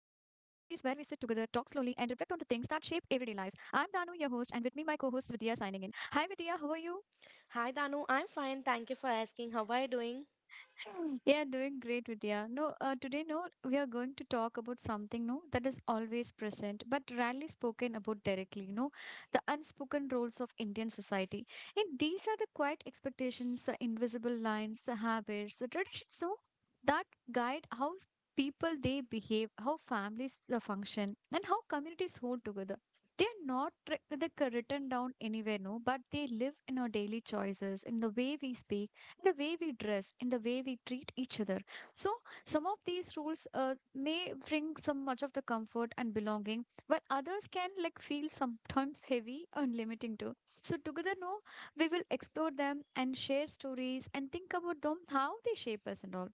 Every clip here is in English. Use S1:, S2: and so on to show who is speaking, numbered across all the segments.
S1: things that shape everyday lives. I'm Danu, your host, and with me, my co host Vidya signing in. Hi, Vidya, how are you?
S2: Hi Danu, I'm fine. Thank you for asking. How are you doing?
S1: Yeah, doing great, Vidya. No, today, no, we are going to talk about something, no, that is always present but rarely spoken about directly, no, the unspoken roles of Indian society. And these are the quiet expectations, the invisible lines, the habits, the traditions, no, that guide how people they behave, how families function, and how communities hold together. They are not they're written down anywhere, no, but they live in our daily choices, in the way we speak in the way we dress, in the way we treat each other. So, some of these rules may bring some much of the comfort and belonging, but others can like feel sometimes heavy and limiting too. So, together, no, we will explore them and share stories and think about them, how they shape us and all.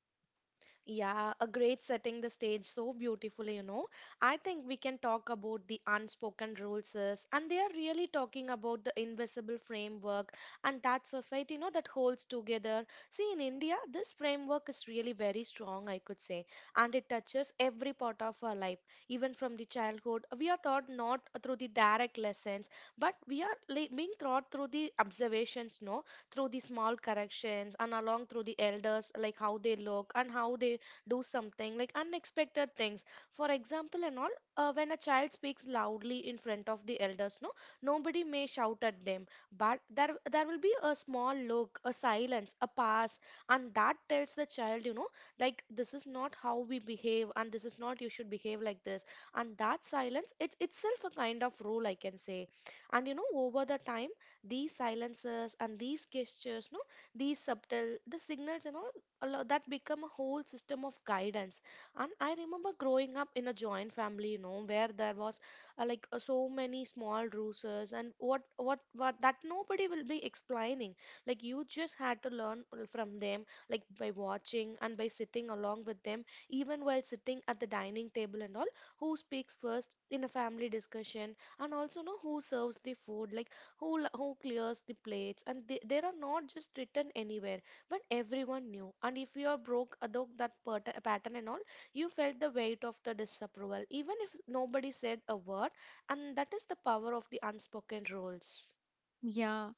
S2: Yeah, a great setting the stage so beautifully, you know. I think we can talk about the unspoken rules is, and they are really talking about the invisible framework and that society, you know, that holds together. See, in India, this framework is really very strong, I could say, and it touches every part of our life. Even from the childhood, we are taught not through the direct lessons, but we are being taught through the observations, no? Through the small corrections and along through the elders like how they look and how they do something like unexpected things for example and all, when a child speaks loudly in front of the elders, no, nobody may shout at them, but there will be a small look, a silence, a pass, and that tells the child, you know, like this is not how we behave and this is not you should behave like this. And that silence, it's itself a kind of rule, I can say. And you know, over the time, these silences and these gestures, no, these subtle the signals and all, that become a whole system of guidance. And I remember growing up in a joint family, you know, where there was, so many small rules, and what that nobody will be explaining. Like you just had to learn from them, like by watching and by sitting along with them. Even while sitting at the dining table and all, who speaks first in a family discussion, and also know who serves the food, like who who clears the plates, and they are not just written anywhere, but everyone knew, and if you are broke although that pattern and all, you felt the weight of the disapproval even if nobody said a word. And that is the power of the unspoken rules.
S1: Yeah.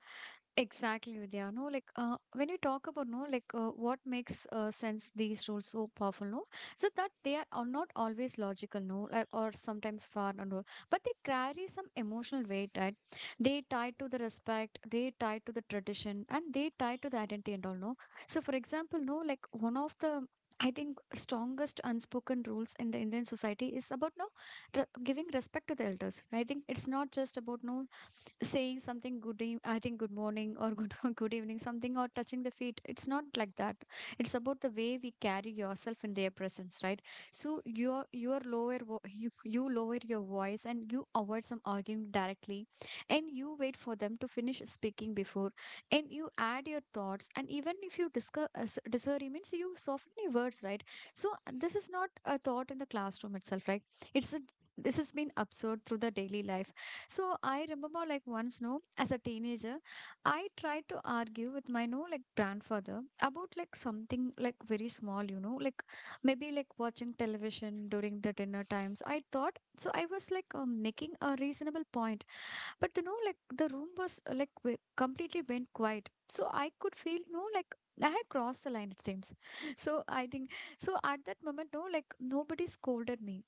S1: Exactly, Vidya. No, like when you talk about no, like what makes sense these rules so powerful, no? So that they are not always logical, no, like or sometimes far and all, but they carry some emotional weight, right? They tie to the respect, they tie to the tradition, and they tie to the identity and all, no. So, for example, no, like one of the I think strongest unspoken rules in the Indian society is about no giving respect to the elders. Right? I think it's not just about no saying something good I think good morning or good good evening something or touching the feet, it's not like that. It's about the way we carry yourself in their presence, right? So your lower you lower your voice and you avoid some arguing directly, and you wait for them to finish speaking before and you add your thoughts, and even if you discuss disagree means you soften your words, right? So this is not a thought in the classroom itself, right? it's a, this has been absorbed through the daily life. So I remember like once, no, as a teenager, I tried to argue with my no like grandfather about like something like very small, you know, like maybe like watching television during the dinner times. I thought so I was like making a reasonable point, but you know like the room was like w completely went quiet. So I could feel no like I had crossed the line, it seems. So I think So at that moment, no, like nobody scolded me,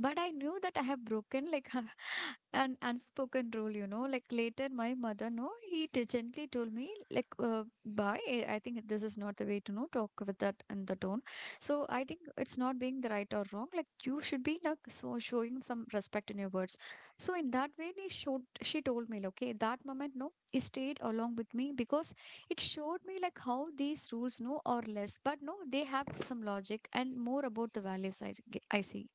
S1: but I knew that I have broken like an unspoken rule, you know. Like later, my mother, no, he gently told me, like, bye. I think this is not the way to know talk with that and the tone. So I think it's not being the right or wrong. Like you should be like so showing some respect in your words. So in that way, he showed. She told me, like, okay, that moment, no, he stayed along with me because it showed me like how these rules, no, or less, but no, they have some logic and more about the values. I see.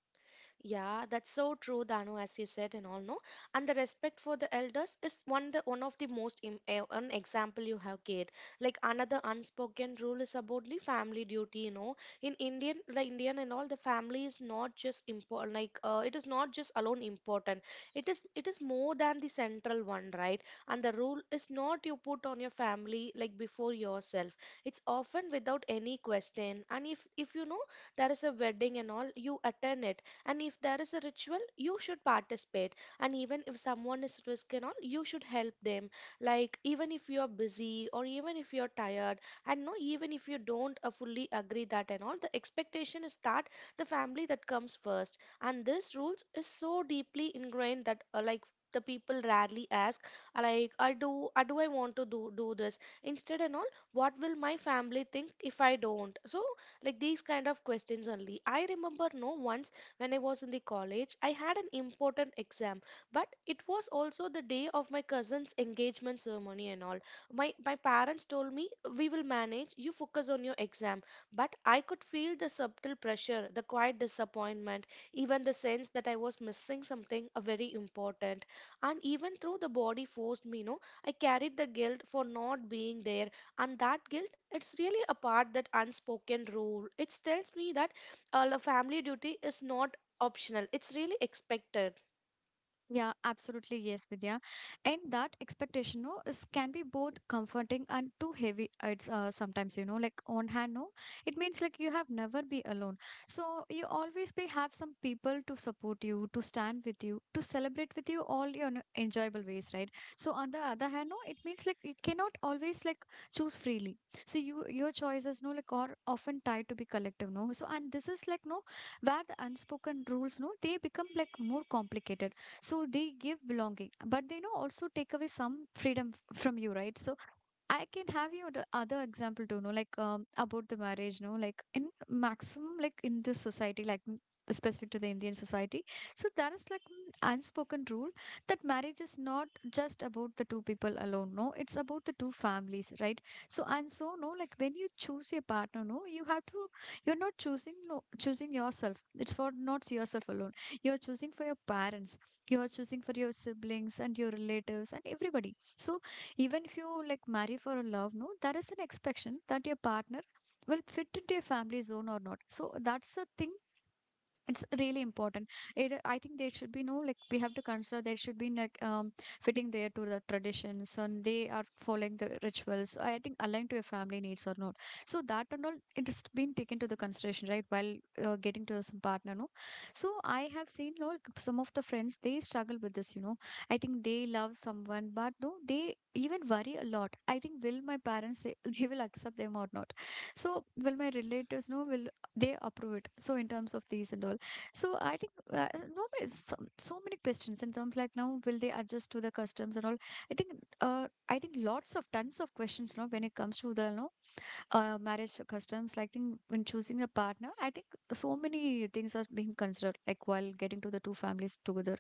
S2: Yeah, that's so true, Danu, as you said and all, no? And the respect for the elders is one the one of the most an example you have gave. Like another unspoken rule is about the family duty, you know. In Indian, the Indian and all, the family is not just important. Like it is not just alone important. It is more than the central one, right? And the rule is not you put on your family like before yourself. It's often without any question. And if you know there is a wedding and all, you attend it, and if there is a ritual, you should participate. And even if someone is at risk and all, you should help them. Like, even if you're busy or even if you're tired, and no, even if you don't fully agree that and all, the expectation is that the family that comes first. And this rules is so deeply ingrained that, like, the people rarely ask, like I do I want to do this instead and all, what will my family think if I don't? So like these kind of questions only. I remember, no, once when I was in the college, I had an important exam, but it was also the day of my cousin's engagement ceremony and all. My parents told me, "We will manage. You focus on your exam." But I could feel the subtle pressure, the quiet disappointment, even the sense that I was missing something very important. And even though the body forced me, no, I carried the guilt for not being there. And that guilt, it's really a part that unspoken rule. It tells me that the family duty is not optional, it's really expected.
S1: Yeah, absolutely. Yes, Vidya. And that expectation, no, is can be both comforting and too heavy. It's sometimes, you know, like on hand, no, it means like you have never be alone. So you always be have some people to support you, to stand with you, to celebrate with you all your enjoyable ways, right? So on the other hand, no, it means like you cannot always like choose freely. So you your choices, no, like are often tied to be collective, no. So and this is like no, where the unspoken rules, no, they become like more complicated, so they give belonging, but they you know also take away some freedom from you, right? So I can have you the other example too, no, like about the marriage, no, like in maximum, like in this society, like mm, specific to the Indian society. So that is like mm, unspoken rule that marriage is not just about the two people alone, no, it's about the two families, right? So and so, no, like when you choose your partner, no, you have to, you're not choosing, no, choosing yourself. It's for not yourself alone. You're choosing for your parents, you're choosing for your siblings and your relatives and everybody. So even if you like marry for a love, no, there is an expectation that your partner will fit into your family zone or not, so that's the thing, it's really important. Either I think there should be no like we have to consider there should be like fitting there to the traditions and they are following the rituals, I think aligned to your family needs or not. So that and all it has been taken to the consideration, right? While getting to some partner, no, so I have seen no some of the friends they struggle with this, you know. I think they love someone but no they even worry a lot, I think will my parents say they will accept them or not. So will my relatives no will they approve it, so in terms of these and all. So I think no, so, so many questions in terms like now will they adjust to the customs and all. I think I think lots of tons of questions now when it comes to the no marriage customs, like think when choosing a partner, I think so many things are being considered like while getting to the two families together.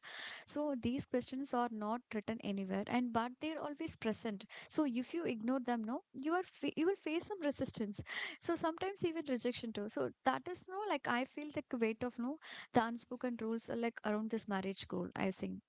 S1: So these questions are not written anywhere and but they're always present, so if you ignore them no you are you will face some resistance. So sometimes even rejection too, so that is no like I feel like the weight of no the unspoken rules are like around this marriage goal, I think.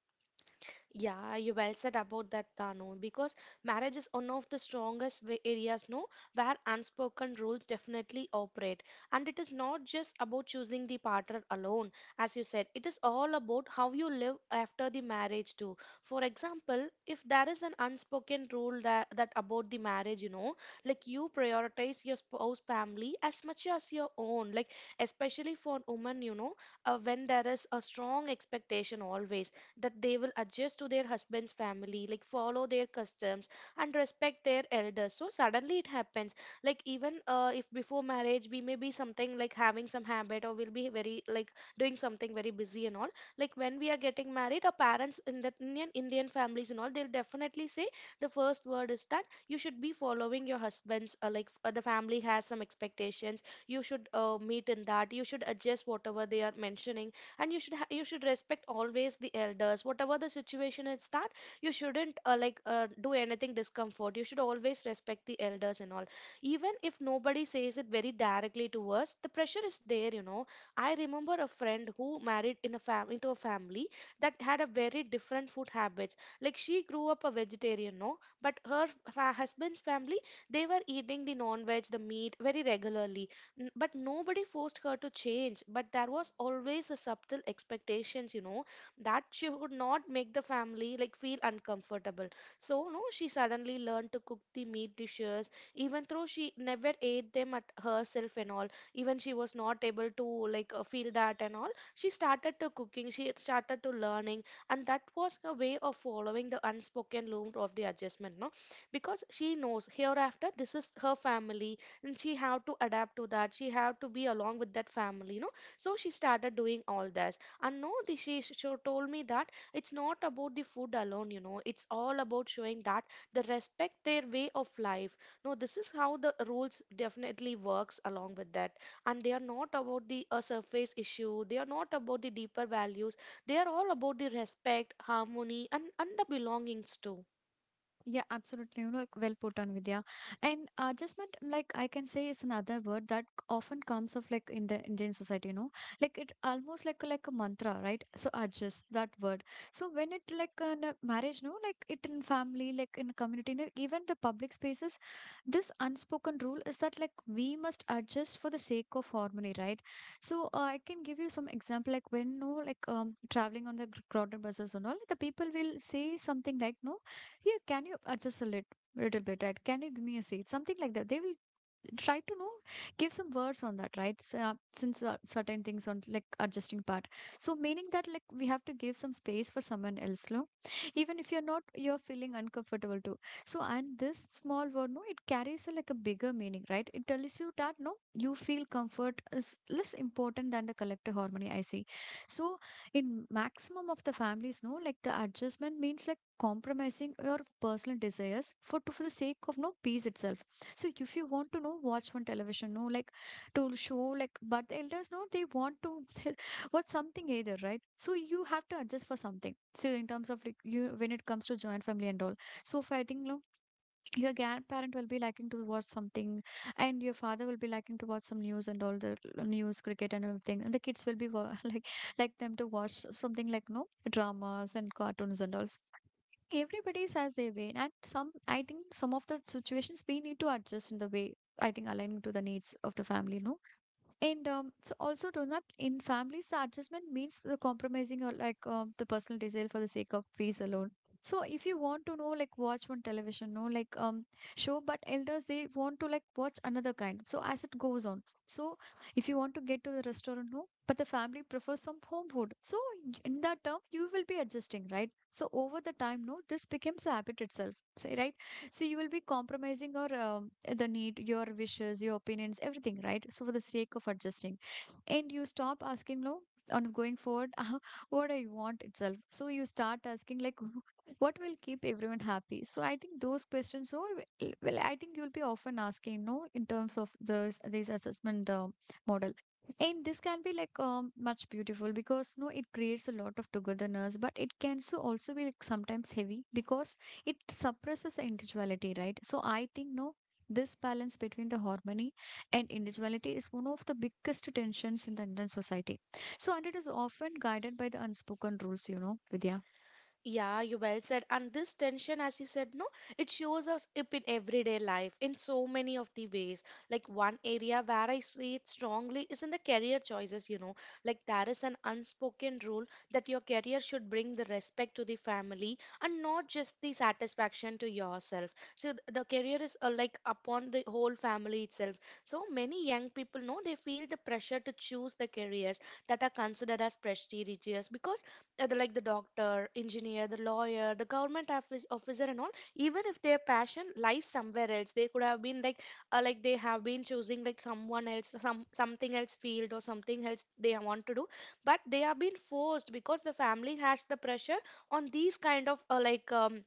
S2: Yeah, you well said about that, Danu, because marriage is one of the strongest areas, no, where unspoken rules definitely operate. And it is not just about choosing the partner alone, as you said, it is all about how you live after the marriage, too. For example, if there is an unspoken rule that, that about the marriage, you know, like you prioritize your spouse family as much as your own, like especially for women, you know, when there is a strong expectation always that they will adjust to their husband's family, like follow their customs and respect their elders. So suddenly it happens. Like even if before marriage we may be something like having some habit or we'll be very like doing something very busy and all. Like when we are getting married, our parents in the Indian Indian families and all, they'll definitely say the first word is that you should be following your husband's the family has some expectations, you should meet in that, you should adjust whatever they are mentioning, and you you should respect always the elders whatever the situation is that, you shouldn't do anything discomfort, you should always respect the elders and all. Even if nobody says it very directly to us, the pressure is there, you know. I remember a friend who married in a fam into a family that had a very different food habits. Like she grew up a vegetarian, no, but her husband's family, they were eating the non-veg, the meat very regularly. But nobody forced her to change, but there was always a subtle expectations, you know, that she would not make the family like feel uncomfortable. So no, she suddenly learned to cook the meat dishes even though she never ate them at herself and all. Even she was not able to like, feel that and all, she started to cooking, she started to learning. And that was a way of following the unspoken law of the adjustment, no, because she knows hereafter this is her family, and she have to adapt to that, she have to be along with that family, you know. So she started doing all this, and no, she told me that it's not about the food alone, you know, it's all about showing that the respect their way of life. No, this is how the rules definitely works along with that. And they are not about the surface issue, they are not about the deeper values, they are all about the respect, harmony, and the belongings too.
S1: Yeah, absolutely. You know, well put on, Vidya. And adjustment, like I can say, is another word that often comes of like in the Indian society. You know, like it almost like a mantra, right? So adjust that word. So when it like in a marriage, no, like it in family, like in community, in even the public spaces, this unspoken rule is that like we must adjust for the sake of harmony, right? So I can give you some example, like when no, like traveling on the crowded buses and all, the people will say something like no here, can you adjust a little bit, right? Can you give me a seat? Something like that. They will try to know give some words on that, right? So, since certain things on like adjusting part, so meaning that like we have to give some space for someone else no even if you're not you're feeling uncomfortable too. So and this small word no it carries a, like a bigger meaning, right? It tells you that no you feel comfort is less important than the collective harmony, I see. So in maximum of the families no like the adjustment means like compromising your personal desires for to, for the sake of no peace itself. So if you want to know, watch on television, no, like to show, like, but the elders, no, they want to watch something either, right? So you have to adjust for something. So in terms of like you, when it comes to joint family and all. So if I think, no, your grandparent will be liking to watch something, and your father will be liking to watch some news and all the news, cricket and everything, and the kids will be like them to watch something like no dramas and cartoons and all. Everybody has their way and some I think some of the situations we need to adjust in the way, I think aligning to the needs of the family, no. And so also do not in families the adjustment means the compromising or like the personal desire for the sake of peace alone. So if you want to know like watch one television, no like show, but elders they want to like watch another kind. So as it goes on, so if you want to get to the restaurant, no, but the family prefers some home food. So in that term, you will be adjusting, right? So over the time, no, this becomes a habit itself, say right, so you will be compromising your the need, your wishes, your opinions, everything, right? So for the sake of adjusting, and you stop asking, no, on going forward what I want itself. So you start asking like what will keep everyone happy. So I think those questions all well, I think you'll be often asking no in terms of those these assessment model. And this can be like much beautiful because no, it creates a lot of togetherness, but it can so also be like sometimes heavy because it suppresses the individuality, right? So I think no, this balance between the harmony and individuality is one of the biggest tensions in the Indian society. So and it is often guided by the unspoken rules, you know, Vidya.
S2: Yeah, you well said. And this tension, as you said, no, it shows us up in everyday life in so many of the ways. Like one area where I see it strongly is in the career choices, you know. Like there is an unspoken rule that your career should bring the respect to the family and not just the satisfaction to yourself. So the career is like upon the whole family itself. So many young people know they feel the pressure to choose the careers that are considered as prestigious because like the doctor, engineer, the lawyer, the government office, officer, and all, even if their passion lies somewhere else, they could have been like they have been choosing like someone else, some something else field or something else they want to do, but they have been forced because the family has the pressure on these kind of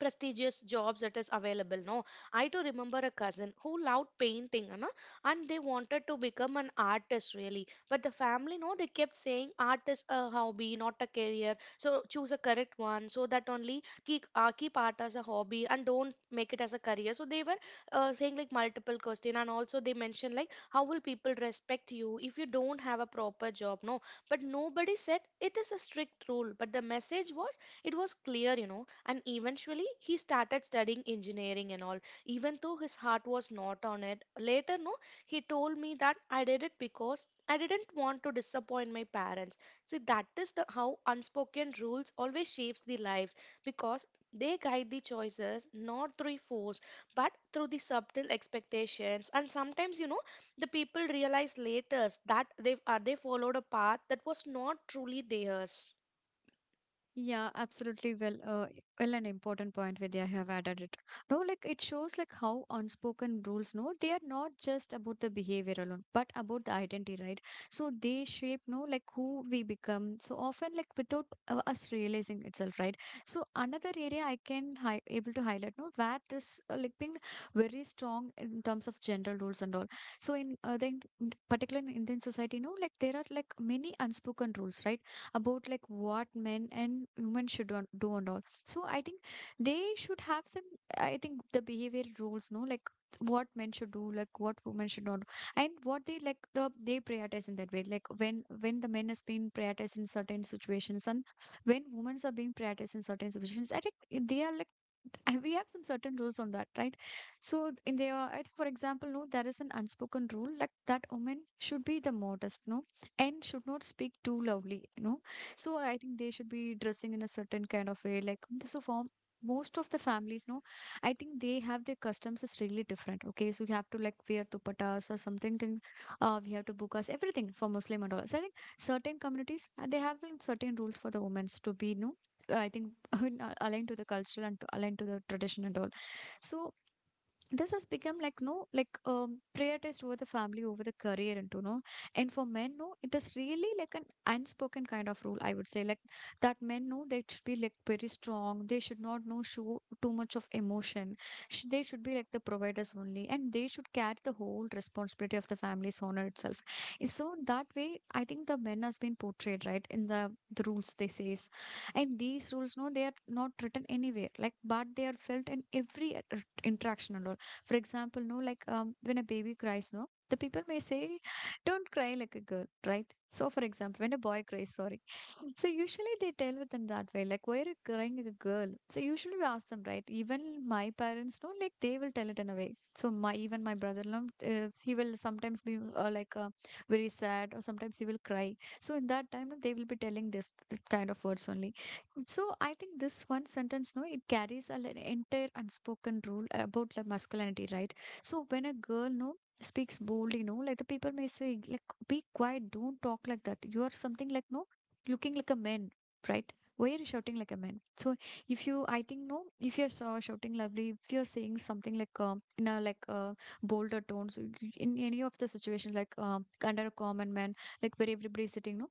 S2: prestigious jobs that is available, no. I do remember a cousin who loved painting, you know, and they wanted to become an artist really, but the family, no, they kept saying art is a hobby not a career, so choose a correct one, so that only keep, keep art as a hobby and don't make it as a career. So they were saying like multiple question, and also they mentioned like how will people respect you if you don't have a proper job, no. But nobody said it is a strict rule, but the message was it was clear, you know. And eventually he started studying engineering and all, even though his heart was not on it. Later, no, he told me that I did it because I didn't want to disappoint my parents. See, that is the how unspoken rules always shapes the lives, because they guide the choices not through force but through the subtle expectations. And sometimes, you know, the people realize later that they followed a path that was not truly theirs.
S1: Yeah, absolutely. Well, an important point, Vidya, you have added it. No, like it shows like how unspoken rules. No, they are not just about the behavior alone, but about the identity, right? So they shape, no, like who we become. So often, like without us realizing itself, right? So another area I can hi able to highlight, no, where this like been very strong in terms of general rules and all. So particular in Indian society, no, like there are like many unspoken rules, right? About like what men and women should do and all. So I think they should have some, I think the behavior rules, no, like what men should do, like what women should not do. And what they like the they prioritize in that way. Like when the men has been prioritized in certain situations and when women are being prioritized in certain situations, I think they are like we have some certain rules on that, right? So in there, I think, for example, no, there is an unspoken rule like that women should be the modest, no, and should not speak too loudly, no, so I think they should be dressing in a certain kind of way. Like so for most of the families, no, I think they have their customs is really different. Okay, so you have to like wear dupattas or something. Then, we have to book us everything for Muslim and all. So I think certain communities they have like certain rules for the women to be, no, I think aligned to the culture and to aligned to the tradition and all. So this has become like no like prioritized over the family, over the career, and to know. And for men, no, it is really like an unspoken kind of rule, I would say, like that men, no, they should be like very strong, they should not, no, show too much of emotion. They should be like the providers only, and they should carry the whole responsibility of the family's honor itself. Eh, so that way I think the men has been portrayed, right, in the rules they says. And these rules, no, they are not written anywhere like, but they are felt in every interaction and all. For example, no, like when a baby cries, no, the people may say, don't cry like a girl, right? So, for example, when a boy cries, sorry. So, usually they tell with them that way, like, why are you crying like a girl? So, usually we ask them, right? Even my parents, no, like, they will tell it in a way. So, my even my brother, no, he will sometimes be very sad, or sometimes he will cry. So, in that time, no, they will be telling this kind of words only. So I think this one sentence, no, it carries a, an entire unspoken rule about the masculinity, right? So when a girl, no, speaks boldly, no, like the people may say, like, be quiet, don't talk like that. You are something like, no, looking like a man, right? Why are you shouting like a man? So if you, I think, no, if you're so shouting lovely, if you're saying something like, in a like, bolder tones, in any of the situations, like, under a common man, like where everybody's sitting, no,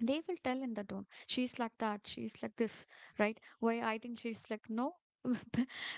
S1: they will tell in the tone she's like that, she's like this, right? Why I think she's like no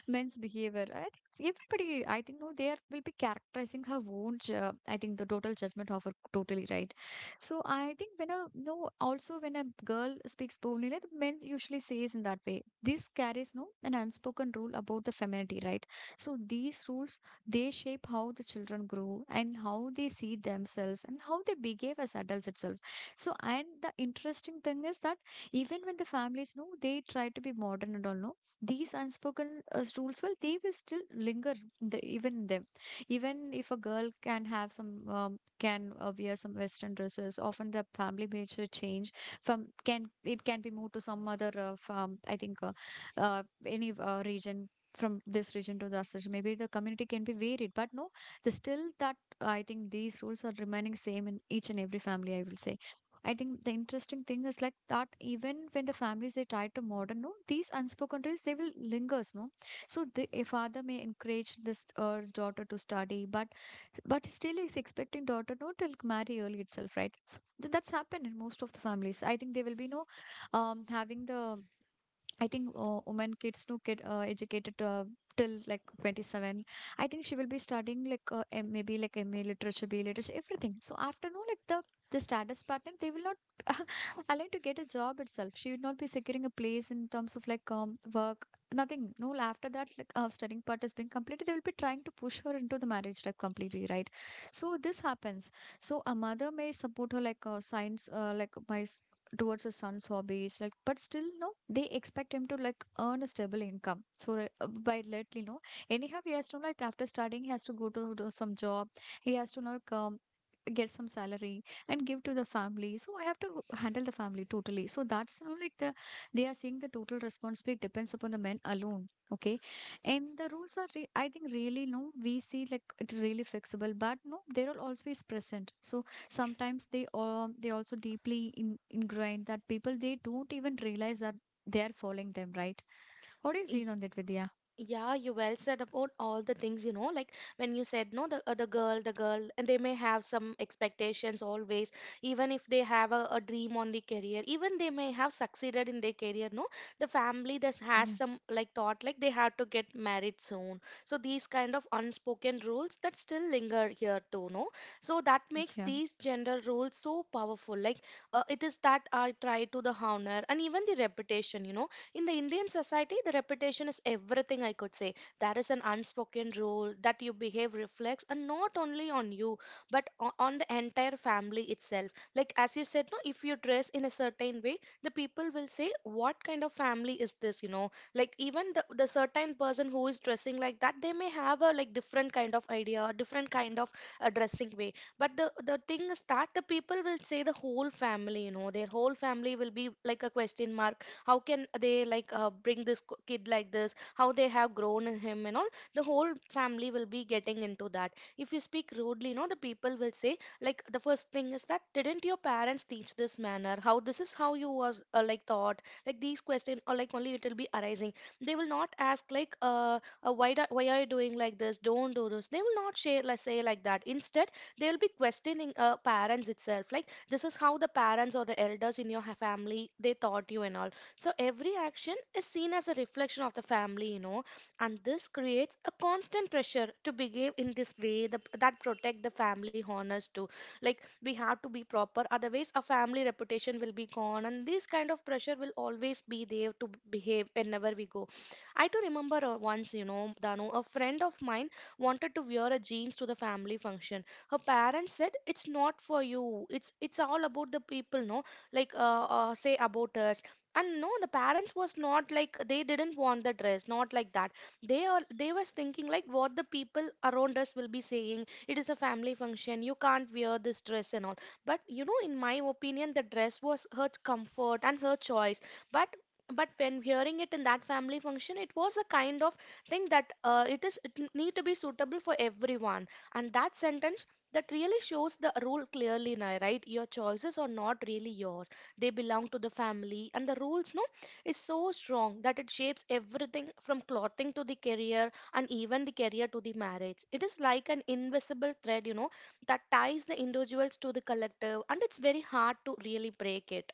S1: men's behavior. I think everybody, I think no, they are, will be characterizing her own I think the total judgment of her totally, right? So I think when a no, also when a girl speaks boldly like, the men usually says in that way, this carries no an unspoken rule about the femininity, right? So these rules, they shape how the children grow and how they see themselves and how they behave as adults itself. So, and the interesting thing is that even when the families know they try to be modern and all, no, these unspoken rules, well, they will still linger in the, even in them. Even if a girl can have some, can wear some Western dresses, often the family makes a change from, can, it can be moved to some other, farm, I think, any region. From this region to that region, maybe the community can be varied, but no, the still that, I think these rules are remaining same in each and every family, I will say. I think the interesting thing is like that even when the families they try to modern, no, these unspoken rules they will lingers, no. So the a father may encourage this his daughter to study, but still is expecting daughter no to like, marry early itself, right? So that's happened in most of the families. I think they will be no having the, I think women kids to get educated till like 27. I think she will be studying like maybe like MA literature, BA literature, everything. So after no, like the status pattern, they will not allow to get a job itself. She will not be securing a place in terms of like work, nothing. No, after that like studying part has been completed, they will be trying to push her into the marriage life completely, right? So this happens. So a mother may support her like like towards his son's hobbies like, but still no they expect him to like earn a stable income. So by lately no, anyhow he has to like, after studying he has to go to do some job, he has to like get some salary and give to the family. So I have to handle the family totally. So that's, you know, like the, they are seeing the total responsibility depends upon the men alone. Okay, and the rules are I think really no we see like it's really fixable, but no there will always be present. So sometimes they also deeply ingrained that people they don't even realize that they are following them, right? What do you see on that, Vidya?
S2: Yeah, you well said about all the things, you know, like when you said, no, the girl, and they may have some expectations always, even if they have a dream on the career, even they may have succeeded in their career, no, the family does has
S1: Yeah,
S2: some like thought, like they have to get married soon. So these kind of unspoken rules that still linger here too, no. So that makes
S1: yeah.
S2: these gender roles so powerful. Like it is that I try to the honor and even the reputation, you know, in the Indian society, the reputation is everything, I could say. There is an unspoken rule that you behave reflects, and not only on you, but on the entire family itself. Like, as you said, no, if you dress in a certain way, the people will say, "What kind of family is this?" You know, like, even the certain person who is dressing like that, they may have a like different kind of idea, a different kind of dressing way. But the thing is that the people will say the whole family, you know, their whole family will be like a question mark. How can they like bring this kid like this, how they have grown him and all, the whole family will be getting into that. If you speak rudely, you know, the people will say, like the first thing is that, didn't your parents teach this manner, how this is how you was like thought, like these question or like only it will be arising. They will not ask like why why are you doing like this, don't do this. They will not share like say like that. Instead, they will be questioning parents itself, like this is how the parents or the elders in your family they taught you and all. So every action is seen as a reflection of the family, you know, and this creates a constant pressure to behave in this way that protect the family honors too. Like we have to be proper, otherwise our family reputation will be gone, and this kind of pressure will always be there to behave whenever we go. I do remember once, you know, Danu, a friend of mine wanted to wear a jeans to the family function. Her parents said, "It's not for you. It's all about the people, no? Like say about us." And no, the parents was not like they didn't want the dress, not like that. They all they was thinking like what the people around us will be saying, it is a family function, you can't wear this dress and all. But you know, in my opinion, the dress was her comfort and her choice. but but when hearing it in that family function, it was a kind of thing that it is it need to be suitable for everyone. And that sentence that really shows the rule clearly now, right? Your choices are not really yours, they belong to the family, and the rules, no, is so strong that it shapes everything from clothing to the career and even the career to the marriage. It is like an invisible thread, you know, that ties the individuals to the collective, and it's very hard to really break it.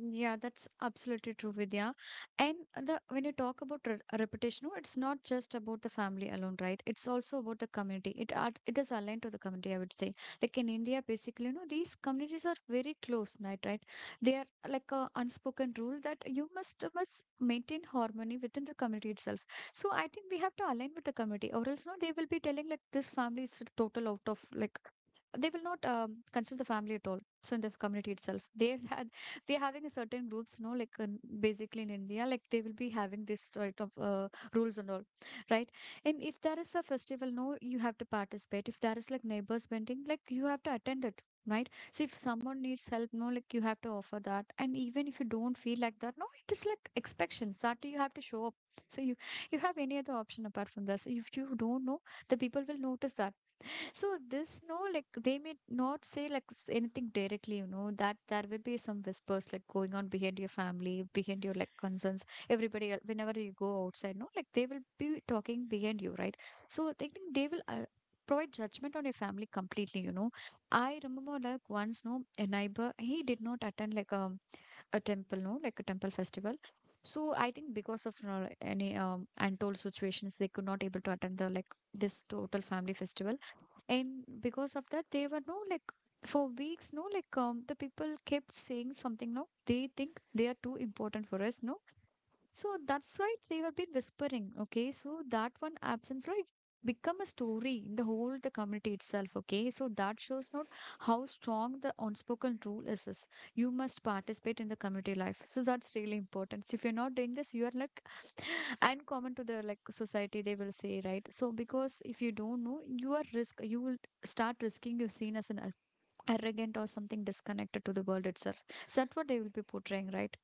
S1: Yeah, that's absolutely true, Vidya. And the, when you talk about re reputation, no, it's not just about the family alone, right? It's also about the community. It are, it is aligned to the community, I would say. Like in India, basically, you know, these communities are very close, right? Right? They are like a unspoken rule that you must maintain harmony within the community itself. So I think we have to align with the community, or else no, they will be telling like this family is total out of like, they will not consider the family at all. So in the community itself they we're having a certain groups, no, like basically in India, like they will be having this sort of rules and all, right? And if there is a festival, no, you have to participate. If there is like neighbors bending, like you have to attend it. Right. So if someone needs help, no, like you have to offer that. And even if you don't feel like that, no, it is like expectations that you have to show up. So you have any other option apart from this. If you don't know, the people will notice that. So this no, like they may not say like anything directly, you know, that there will be some whispers like going on behind your family, behind your like concerns. Whenever you go outside, no, like they will be talking behind you, right? So I think they will provide judgment on your family completely, you know. I remember like once, no, a neighbor, he did not attend like a temple, no, like a temple festival. So I think because of any untold situations, they could not able to attend the like this total family festival. And because of that they were, no, like for weeks, no, like the people kept saying something, no, they think they are too important for us, no. So that's why they have been whispering. Okay, so that one absence, right? Become a story in the whole the community itself. Okay, so that shows not how strong the unspoken rule is. You must participate in the community life. So that's really important. So if you're not doing this, you are like uncommon to the like society. They will say, right. So because if you don't know, you are risk. You will start risking. You're seen as an arrogant or something disconnected to the world itself. So that's what they will be portraying, right?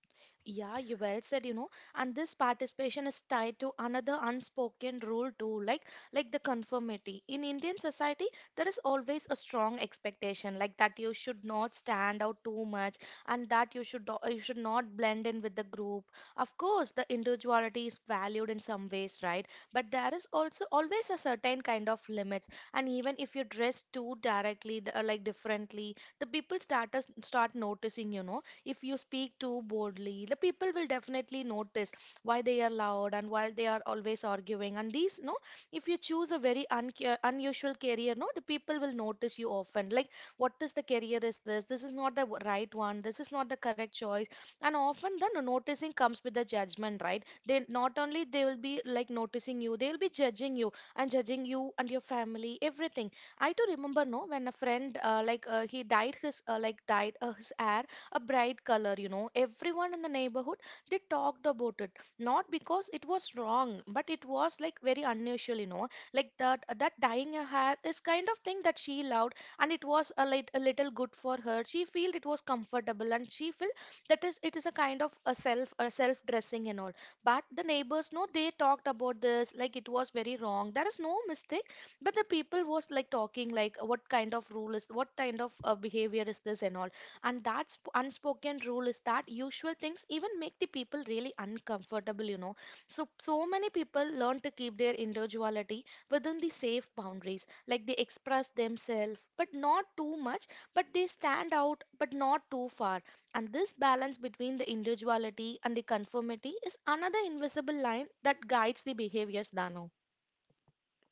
S2: Yeah, you well said, you know, and this participation is tied to another unspoken rule too, like the conformity. In Indian society, there is always a strong expectation, like that you should not stand out too much, and that you you should not blend in with the group. Of course, the individuality is valued in some ways, right? But there is also always a certain kind of limits, and even if you dress too directly, like differently, the people start noticing, you know. If you speak too boldly, the people will definitely notice, why they are loud and why they are always arguing and these, no. If you choose a very unusual career, no, the people will notice you often, like what is the career is this, this is not the right one, this is not the correct choice. And often the noticing comes with the judgment, right? They not only they will be like noticing you, they will be judging you and your family, everything. I do remember, no, when a friend he dyed his dyed his hair a bright color, you know, everyone in the neighborhood they talked about it, not because it was wrong but it was like very unusual, you know. Like that dyeing her hair is kind of thing that she loved, and it was a little good for her, she felt it was comfortable and she felt that is it is a kind of a self dressing and all. But the neighbors, no, they talked about this like it was very wrong, there is no mistake, but the people was like talking like what kind of rule is, what kind of behavior is this and all. And that unspoken rule is that usual things even make the people really uncomfortable, you know. So so many people learn to keep their individuality within the safe boundaries, like they express themselves but not too much, but they stand out but not too far. And this balance between the individuality and the conformity is another invisible line that guides the behaviors, dano.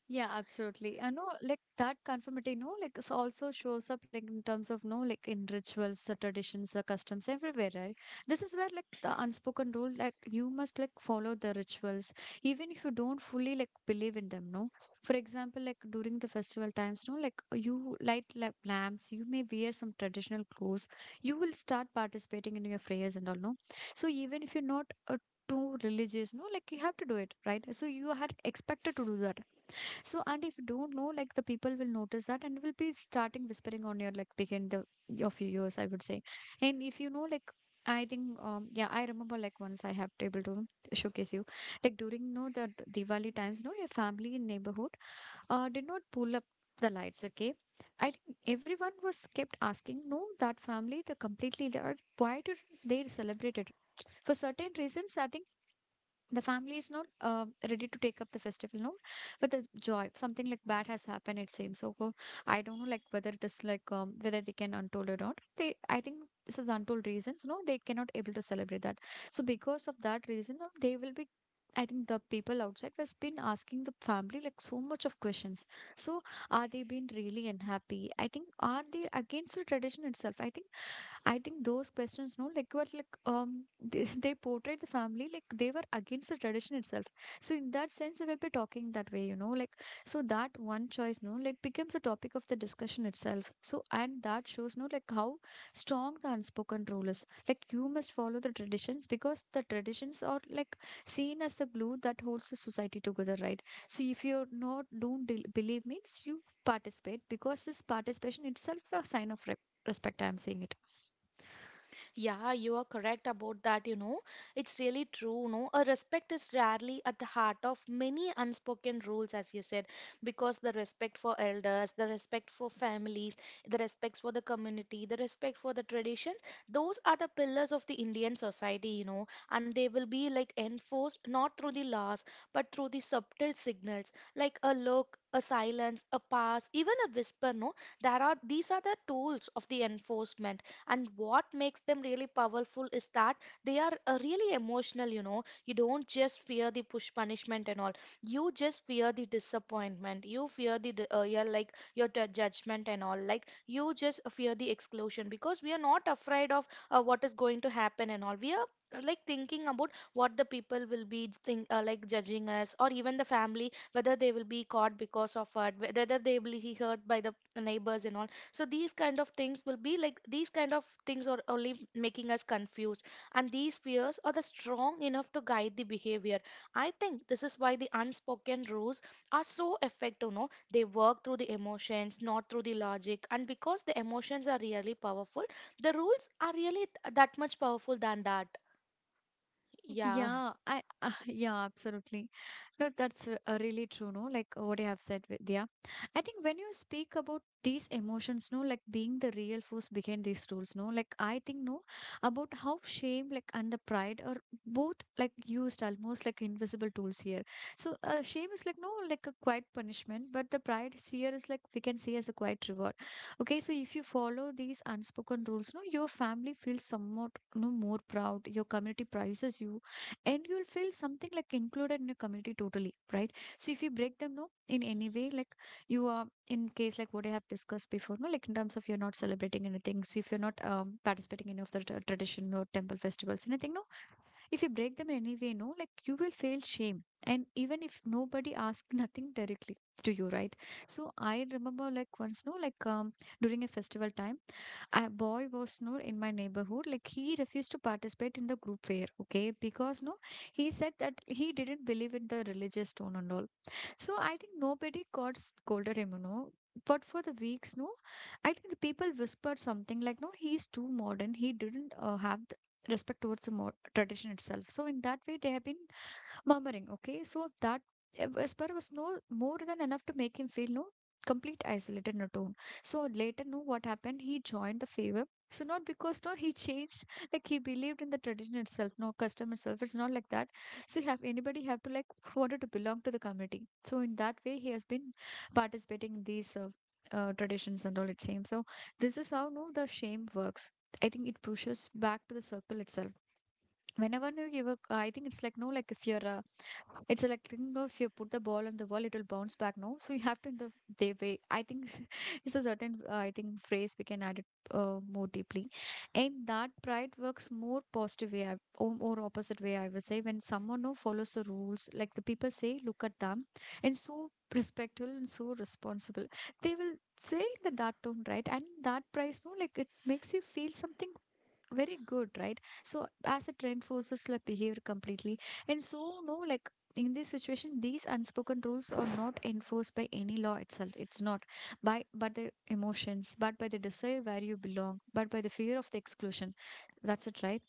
S1: Yeah, absolutely. I know, like that conformity, no, like it's also shows up like in terms of, no, like in rituals, the traditions, the customs, everywhere, right? This is where like the unspoken rule, like you must like follow the rituals, even if you don't fully like believe in them, no. For example, like during the festival times, no, like you light like lamps, you may wear some traditional clothes, you will start participating in your prayers and all, no. So even if you're not too religious, no, like you have to do it, right? So you are expected to do that. So, and if you don't know, like the people will notice that and will be starting whispering on your like behind the of your ears, I would say. And if you know, like I think, yeah, I remember like once I have able to showcase you, like during you know the Diwali times, no, your family in neighborhood, did not pull up the lights. Okay, I think everyone was kept asking, no, that family, the completely they are why did they celebrate it? For certain reasons, I think the family is not ready to take up the festival, no, with the joy. Something like bad has happened, it seems. So I don't know like whether it is like whether they can untold or not, they, I think this is untold reasons, no, they cannot able to celebrate that. So because of that reason they will be. I think the people outside has been asking the family like so much of questions. So are they being really unhappy? I think are they against the tradition itself? I think those questions, no, like were like they portrayed the family like they were against the tradition itself. So in that sense, they will be talking that way, you know, like so that one choice, no, like becomes a topic of the discussion itself. So and that shows, no, like how strong the unspoken rule is. Like you must follow the traditions because the traditions are like seen as the glue that holds the society together, right? So if you're not don't believe means you participate because this participation itself a sign of respect. I'm saying it.
S2: Yeah, you are correct about that, you know. It's really true, no? A respect is rarely at the heart of many unspoken rules, as you said, because the respect for elders, the respect for families, the respect for the community, the respect for the tradition, those are the pillars of the Indian society, you know, and they will be like enforced not through the laws, but through the subtle signals, like a look, a silence, a pass, even a whisper, no? There are these are the tools of the enforcement, and what makes them really powerful is that they are really emotional, you know, you don't just fear the push punishment and all, you just fear the disappointment, you fear the yeah, like your judgment and all, like you just fear the exclusion, because we are not afraid of what is going to happen and all, we are like thinking about what the people will be like judging us, or even the family, whether they will be caught because of it, whether they will be hurt by the neighbors and all. So these kind of things will be like these kind of things are only making us confused, and these fears are the strong enough to guide the behavior. I think this is why the unspoken rules are so effective, no, they work through the emotions not through the logic, and because the emotions are really powerful, the rules are really that much powerful than that. Yeah.
S1: Yeah, I yeah, absolutely. No, that's really true, no? Like what you have said, Vidya. I think when you speak about these emotions, no, like being the real force behind these rules, no, like I think, no, about how shame, like, and the pride are both like used almost like invisible tools here. So, shame is like, no, like a quiet punishment, but the pride is here is like we can see as a quiet reward. Okay, so if you follow these unspoken rules, no, your family feels somewhat no more proud. Your community prizes you and you'll feel something like included in a community totally, right. So if you break them, no, in any way, like you are in case like what I have discussed before, no, like in terms of you're not celebrating anything. So if you're not participating in any of the tradition or temple festivals, anything, no, if you break them in any way, no, like you will feel shame, and even if nobody asks nothing directly to you, right? So I remember like once, no, like during a festival time, a boy was no in my neighborhood, like he refused to participate in the group fair. Okay, because no, he said that he didn't believe in the religious tone and all. So I think nobody got scolded him, you know, but for the weeks, no, I think the people whispered something like, no, he's too modern, he didn't have the respect towards the tradition itself. So in that way they have been murmuring, okay? So that whisper was no more than enough to make him feel no complete isolated and alone. So later, no, what happened. He joined the favor. So not because no he changed like he believed in the tradition itself, no custom itself. It's not like that. So you have anybody have to like wanted to belong to the community. So in that way he has been participating in these traditions and all, it seems. So this is how, no, the shame works. I think it pushes back to the circle itself. Whenever no, you were, I think it's like no, like if you're a it's like, you know, if you put the ball on the wall, it will bounce back, no? So you have to, in the, they way. I think it's a certain, I think, phrase we can add it more deeply. And that pride works more positive way, or more opposite way, I would say. When someone who follows the rules, like the people say, look at them, and so respectful and so responsible, they will say in the that tone, right? And that price, no, like it makes you feel something very good, right. So as a trend forces like behavior completely. And so, no, like in this situation these unspoken rules are not enforced by any law itself. It's not by but the emotions, but by the desire where you belong, but by the fear of the exclusion. That's it, right.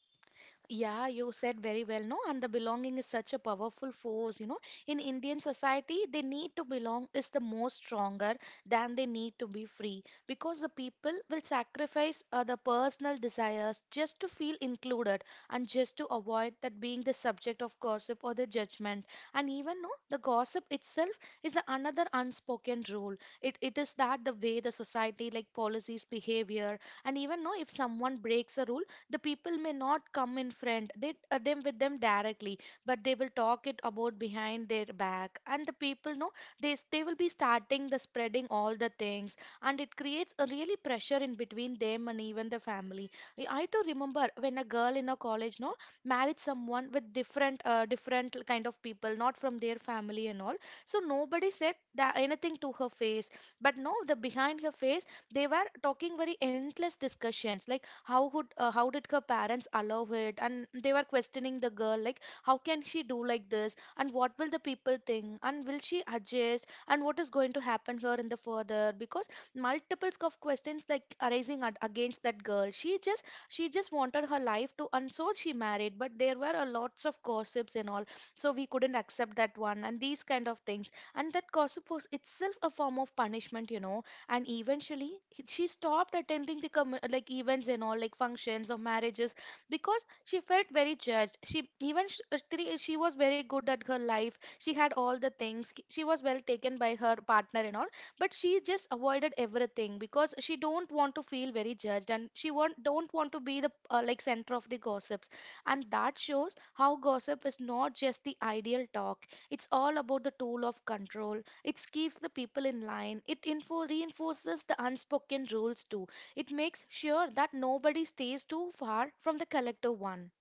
S2: Yeah, you said very well, no? And the belonging is such a powerful force, you know. In Indian society, they need to belong is the most stronger than they need to be free, because the people will sacrifice the personal desires just to feel included, and just to avoid that being the subject of gossip or the judgment. And even, no, the gossip itself is the another unspoken rule. It is that the way the society, like policies, behavior, and even, no, if someone breaks a rule, the people may not come in front, they them with them directly, but they will talk it about behind their back, and the people know, they will be starting the spreading all the things, and it creates a really pressure in between them and even the family. I too remember when a girl in a college, no, married someone with different different kind of people, not from their family and all. So nobody said that anything to her face, but no, the behind her face, they were talking very endless discussions like, how could? How did her parents allow it? And they were questioning the girl, like how can she do like this, and what will the people think, and will she adjust, and what is going to happen here in the further? Because multiples of questions like arising against that girl. She just wanted her life to, and so she married, but there were a lots of gossips and all. So we couldn't accept that one and these kind of things, and that gossip was itself a form of punishment, you know. And eventually she stopped attending the like events and all, like functions or marriages, because she felt very judged. Actually, she was very good at her life, she had all the things, she was well taken by her partner and all, but she just avoided everything because she don't want to feel very judged, and she want don't want to be the like center of the gossips. And that shows how gossip is not just the ideal talk, it's all about the tool of control. It keeps the people in line. It reinforces the unspoken rules too. It makes sure that nobody stays too far from the collective one.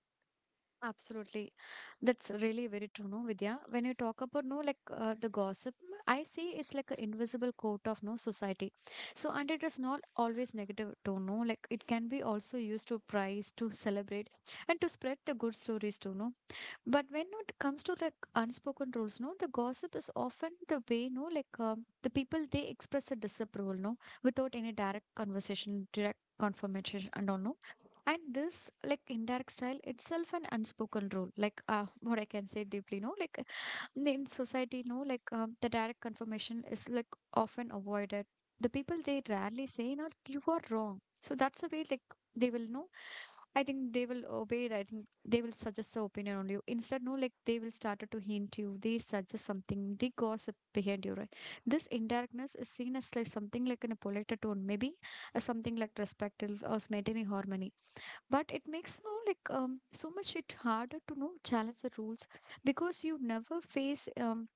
S1: Absolutely. That's really very true, no, Vidya. When you talk about no, like the gossip, I see it's like an invisible coat of no society. So, and it is not always negative to know, like it can be also used to praise, to celebrate, and to spread the good stories too, no. But when it comes to like unspoken rules, no, the gossip is often the way, no, like the people they express a disapproval, no, without any direct conversation, direct confirmation, and all, no. And this like indirect style itself an unspoken rule like what I can say deeply, no, like in society, no, like the direct confirmation is like often avoided. The people they rarely say no you are wrong. So that's the way, like they will know. I think they will obey it. I think they will suggest the opinion on you. Instead, no, like they will start to hint you. They suggest something. They gossip behind you, right? This indirectness is seen as like something like in a polite tone, maybe as something like respectful or maintaining harmony. But it makes no like so much it harder to know challenge the rules because you never face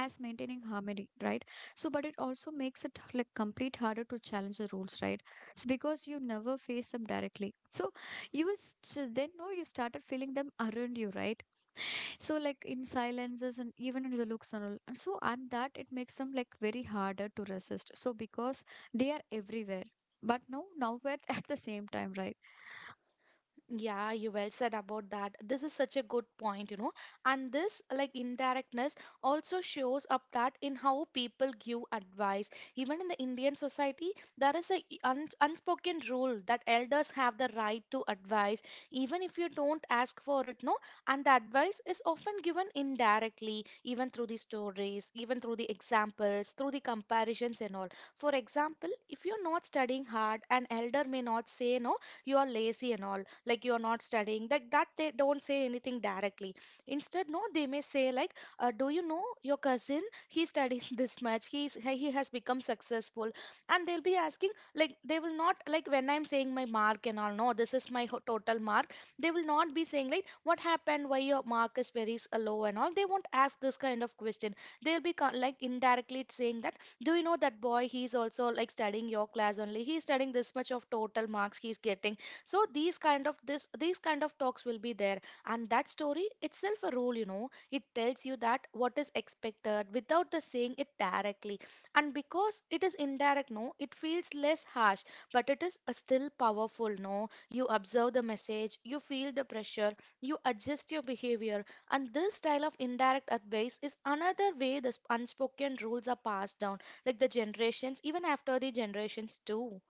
S1: as maintaining harmony, right. So but it also makes it like complete harder to challenge the rules, right. It's because you never face them directly. So you will then know you started feeling them around you, right. So like in silences and even in the looks and all, and so and that it makes them like very harder to resist. So because they are everywhere but no nowhere at the same time, right.
S2: Yeah, you well said about that. This is such a good point, you know. And this, like, indirectness also shows up that in how people give advice. Even in the Indian society, there is a un unspoken rule that elders have the right to advise, even if you don't ask for it, no. And the advice is often given indirectly, even through the stories, even through the examples, through the comparisons and all. For example, if you're not studying hard, an elder may not say no you are lazy and all, like you are not studying, like that they don't say anything directly. Instead, no, they may say like, do you know your cousin, he studies this much, he has become successful. And they'll be asking, like they will not like, when I'm saying my mark and all, no this is my total mark, they will not be saying like what happened, why your mark is very low and all, they won't ask this kind of question. They'll be like indirectly saying that, do you know that boy, he's also like studying your class only, he's studying this much of total marks he's getting. So these kind of, this these kind of talks will be there. And that story itself a rule, you know, it tells you that what is expected without the saying it directly. And because it is indirect, no, it feels less harsh, but it is still powerful. No, you observe the message, you feel the pressure, you adjust your behavior. And this style of indirect advice is another way the unspoken rules are passed down, like the generations, even after the generations too.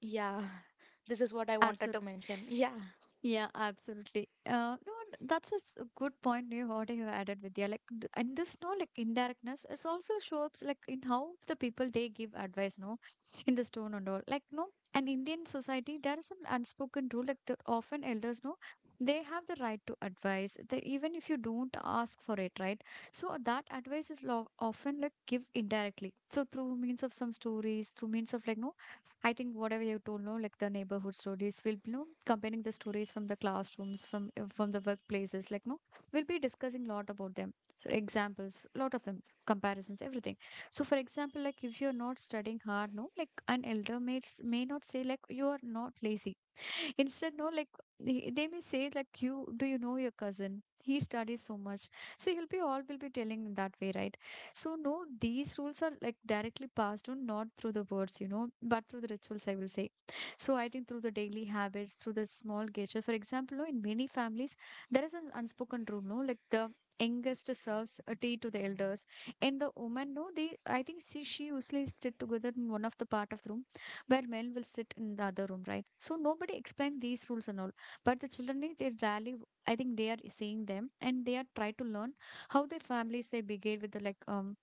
S2: Yeah. This is what I wanted
S1: Absolutely.
S2: to mention, yeah.
S1: Yeah, absolutely. No, and that's a a good point you what you added, Vidya. Like, and this, no, like indirectness is also show up like in how the people they give advice, no, in the stone and all. Like, no, an Indian society there is an unspoken rule like that often elders, no, they have the right to advise. That even if you don't ask for it, right? So that advice is lo often like give indirectly. So through means of some stories, through means of like, no, I think whatever you told, no, like the neighborhood stories, we'll be no comparing the stories from the classrooms, from the workplaces, like, no, we'll be discussing lot about them. So examples, lot of them, comparisons, everything. So for example, like if you're not studying hard, no, like an elder may not say like you are not lazy. Instead, no, like they may say like you, do you know your cousin? He studies so much. So he'll be all will be telling that way, right? So no, these rules are like directly passed on, not through the words, you know, but through the rituals, I will say. So I think through the daily habits, through the small gestures. For example, no, in many families, there is an unspoken rule, no, like the youngest serves a tea to the elders, and the woman, no, they, I think she usually sit together in one of the part of the room, where men will sit in the other room, right? So nobody explained these rules and all. But the children, they rarely, I think they are seeing them and they are try to learn how their families they behave with the like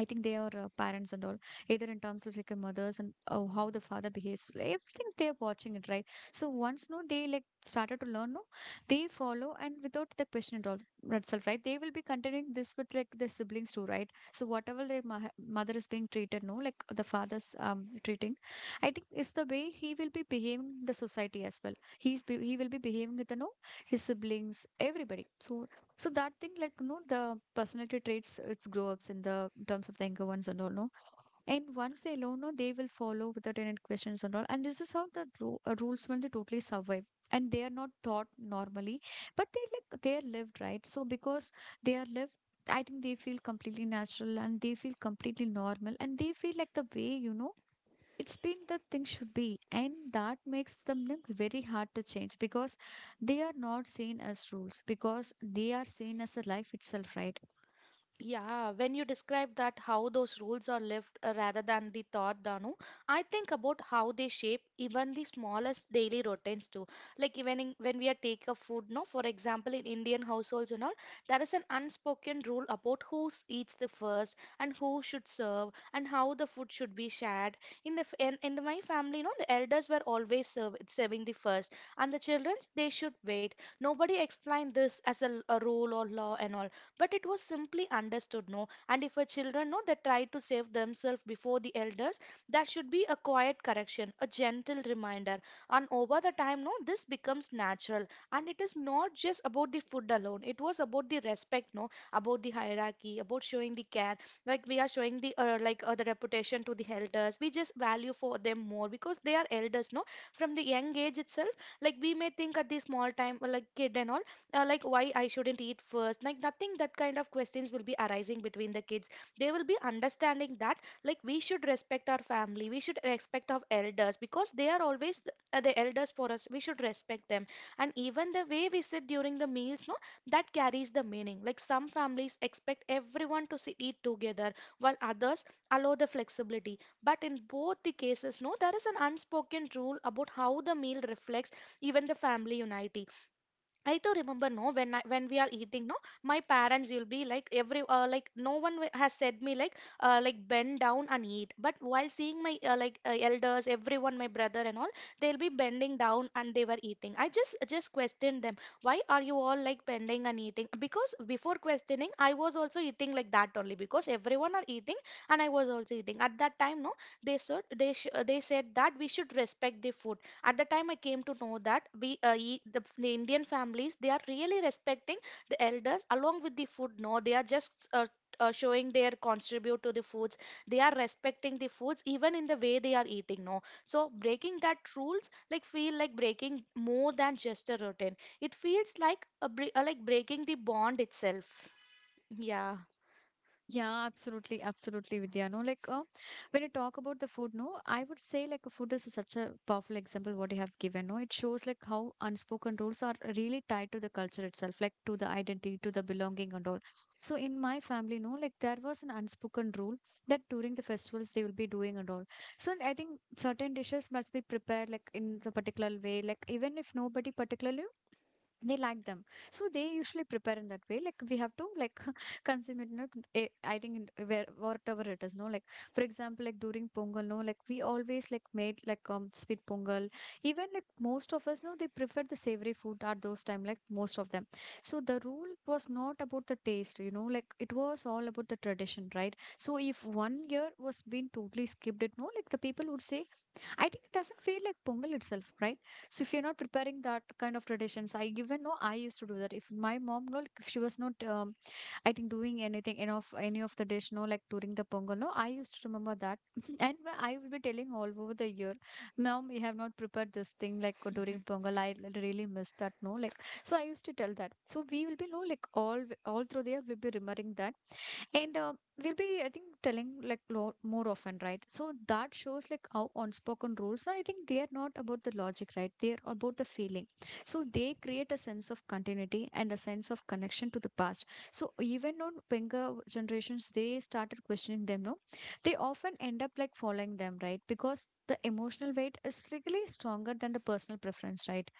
S1: I think they are parents and all, either in terms of like mothers and how the father behaves, like, everything they are watching it, right? So once no, they like started to learn, no, they follow and without the question at all itself, right? They will be continuing this with like their siblings too, right? So whatever the mother is being treated, no, like the father's treating, I think is the way he will be behaving in the society as well. He will be behaving with the no his siblings, everybody. So that thing, like, you know, the personality traits, it's grow ups in the in terms of the younger ones and all, no? And once they learn, no, they will follow without any questions and all. And this is how the rules will they totally survive. And they are not taught normally, but they like they are lived, right? So because they are lived, I think they feel completely natural and they feel completely normal and they feel like the way, you know, it's been the thing should be, and that makes them look very hard to change because they are not seen as rules because they are seen as a life itself, right?
S2: Yeah, when you describe that how those rules are lived rather than the thought, Danu, I think about how they shape even the smallest daily routines too. Like even in, when we are take a food, no, for example, in Indian households and all, there is an unspoken rule about who eats the first and who should serve and how the food should be shared. In the my family, you know, the elders were always serving the first, and the children they should wait. Nobody explained this as a, a rule or law and all, but it was simply understood, no. And if a children, no, they try to save themselves before the elders, that should be a quiet correction, a gentle reminder. And over the time, no, this becomes natural. And it is not just about the food alone, it was about the respect, no, about the hierarchy, about showing the care. Like we are showing the the reputation to the elders, we just value for them more because they are elders, no, from the young age itself. Like we may think at the small time, like kid and all, like why I shouldn't eat first. Like nothing that kind of questions will be arising between the kids. They will be understanding that, like we should respect our family, we should respect our elders because they are always the elders for us. We should respect them. And even the way we sit during the meals, no, that carries the meaning. Like some families expect everyone to sit, eat together, while others allow the flexibility. But in both the cases, no, there is an unspoken rule about how the meal reflects even the family unity. I do remember, no, when we are eating, no, my parents will be like every like no one has said me like bend down and eat. But while seeing my elders, everyone, my brother and all, they'll be bending down and they were eating. I just questioned them, why are you all like bending and eating? Because before questioning, I was also eating like that only because everyone are eating, and I was also eating. At that time, no, they said that we should respect the food. At the time I came to know that the Indian families they are really respecting the elders along with the food, no, they are just showing their contribute to the foods. They are respecting the foods even in the way they are eating, no. So breaking that rules like feel like breaking more than just a routine, it feels like a like breaking the bond itself. Yeah.
S1: Yeah, absolutely, absolutely, Vidya. No, like when you talk about the food, no, I would say like food is such a powerful example what you have given. No, it shows like how unspoken rules are really tied to the culture itself, like to the identity, to the belonging and all. So in my family, no, like there was an unspoken rule that during the festivals they will be doing and all. So I think certain dishes must be prepared like in the particular way, like even if nobody particularly they like them, so they usually prepare in that way, like we have to like consume it, no, I think in where whatever it is, no, like for example like during Pongal, no, like we always like made like sweet pongal, even like most of us, no, they prefer the savory food at those time, like most of them. So the rule was not about the taste, you know, like it was all about the tradition, right? So if one year was being totally skipped it, no, like the people would say I think it doesn't feel like Pongal itself, right? So if you're not preparing that kind of traditions, I even know I used to do that. If my mom, no, like, if she was not, I think doing anything, any of the dish, no, like during the Pongal, no, I used to remember that, and I will be telling all over the year, mom, we have not prepared this thing like
S2: Mm-hmm.
S1: during Pongal. I really miss that, no, like, so I used to tell that. So we will be, no, like all through the year, we'll be remembering that and we'll be, I think, telling like lo more often, right? So that shows like how unspoken rules. I think they are not about the logic, right? They are about the feeling. So they create a sense of continuity and a sense of connection to the past. So even on younger generations, they started questioning them, no? They often end up like following them, right? Because the emotional weight is really stronger than the personal preference, right?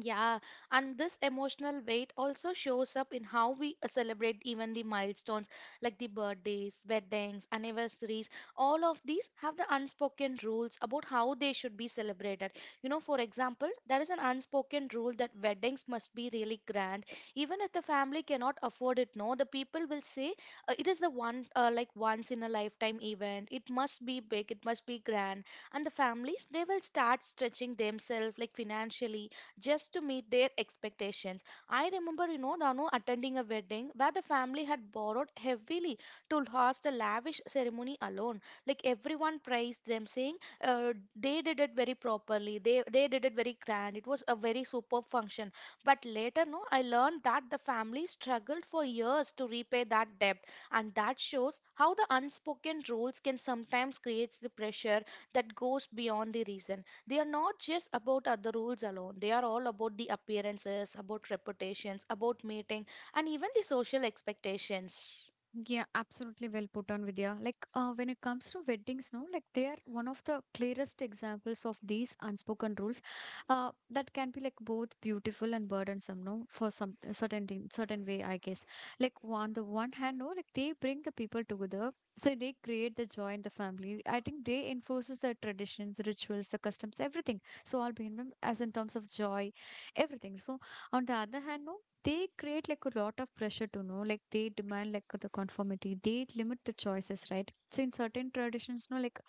S2: Yeah, and this emotional weight also shows up in how we celebrate even the milestones, like the birthdays, weddings, anniversaries. All of these have the unspoken rules about how they should be celebrated. You know, for example, there is an unspoken rule that weddings must be really grand. Even if the family cannot afford it, no, the people will say it is the one, like once in a lifetime event. It must be big, it must be grand. And the families, they will start stretching themselves like financially just to meet their expectations. I remember, you know, Danu, attending a wedding where the family had borrowed heavily to host a lavish ceremony alone. Like everyone praised them, saying they did it very properly, they did it very grand. It was a very superb function. But later, no, I learned that the family struggled for years to repay that debt. And that shows how the unspoken rules can sometimes create the pressure that goes beyond the reason. They are not just about the rules alone, they are all about the appearances, about reputations, about meeting, and even the social expectations.
S1: Yeah, absolutely well put on, Vidya. Like when it comes to weddings, no, like they are one of the clearest examples of these unspoken rules that can be like both beautiful and burdensome, no, for some certain thing, certain way, I guess. Like on the one hand, no, like they bring the people together, so they create the joy in the family. I think they enforces the traditions, the rituals, the customs, everything. So all behind them as in terms of joy, everything. So on the other hand, no, they create like a lot of pressure to know, like they demand like the conformity, they limit the choices, right? So in certain traditions, no, like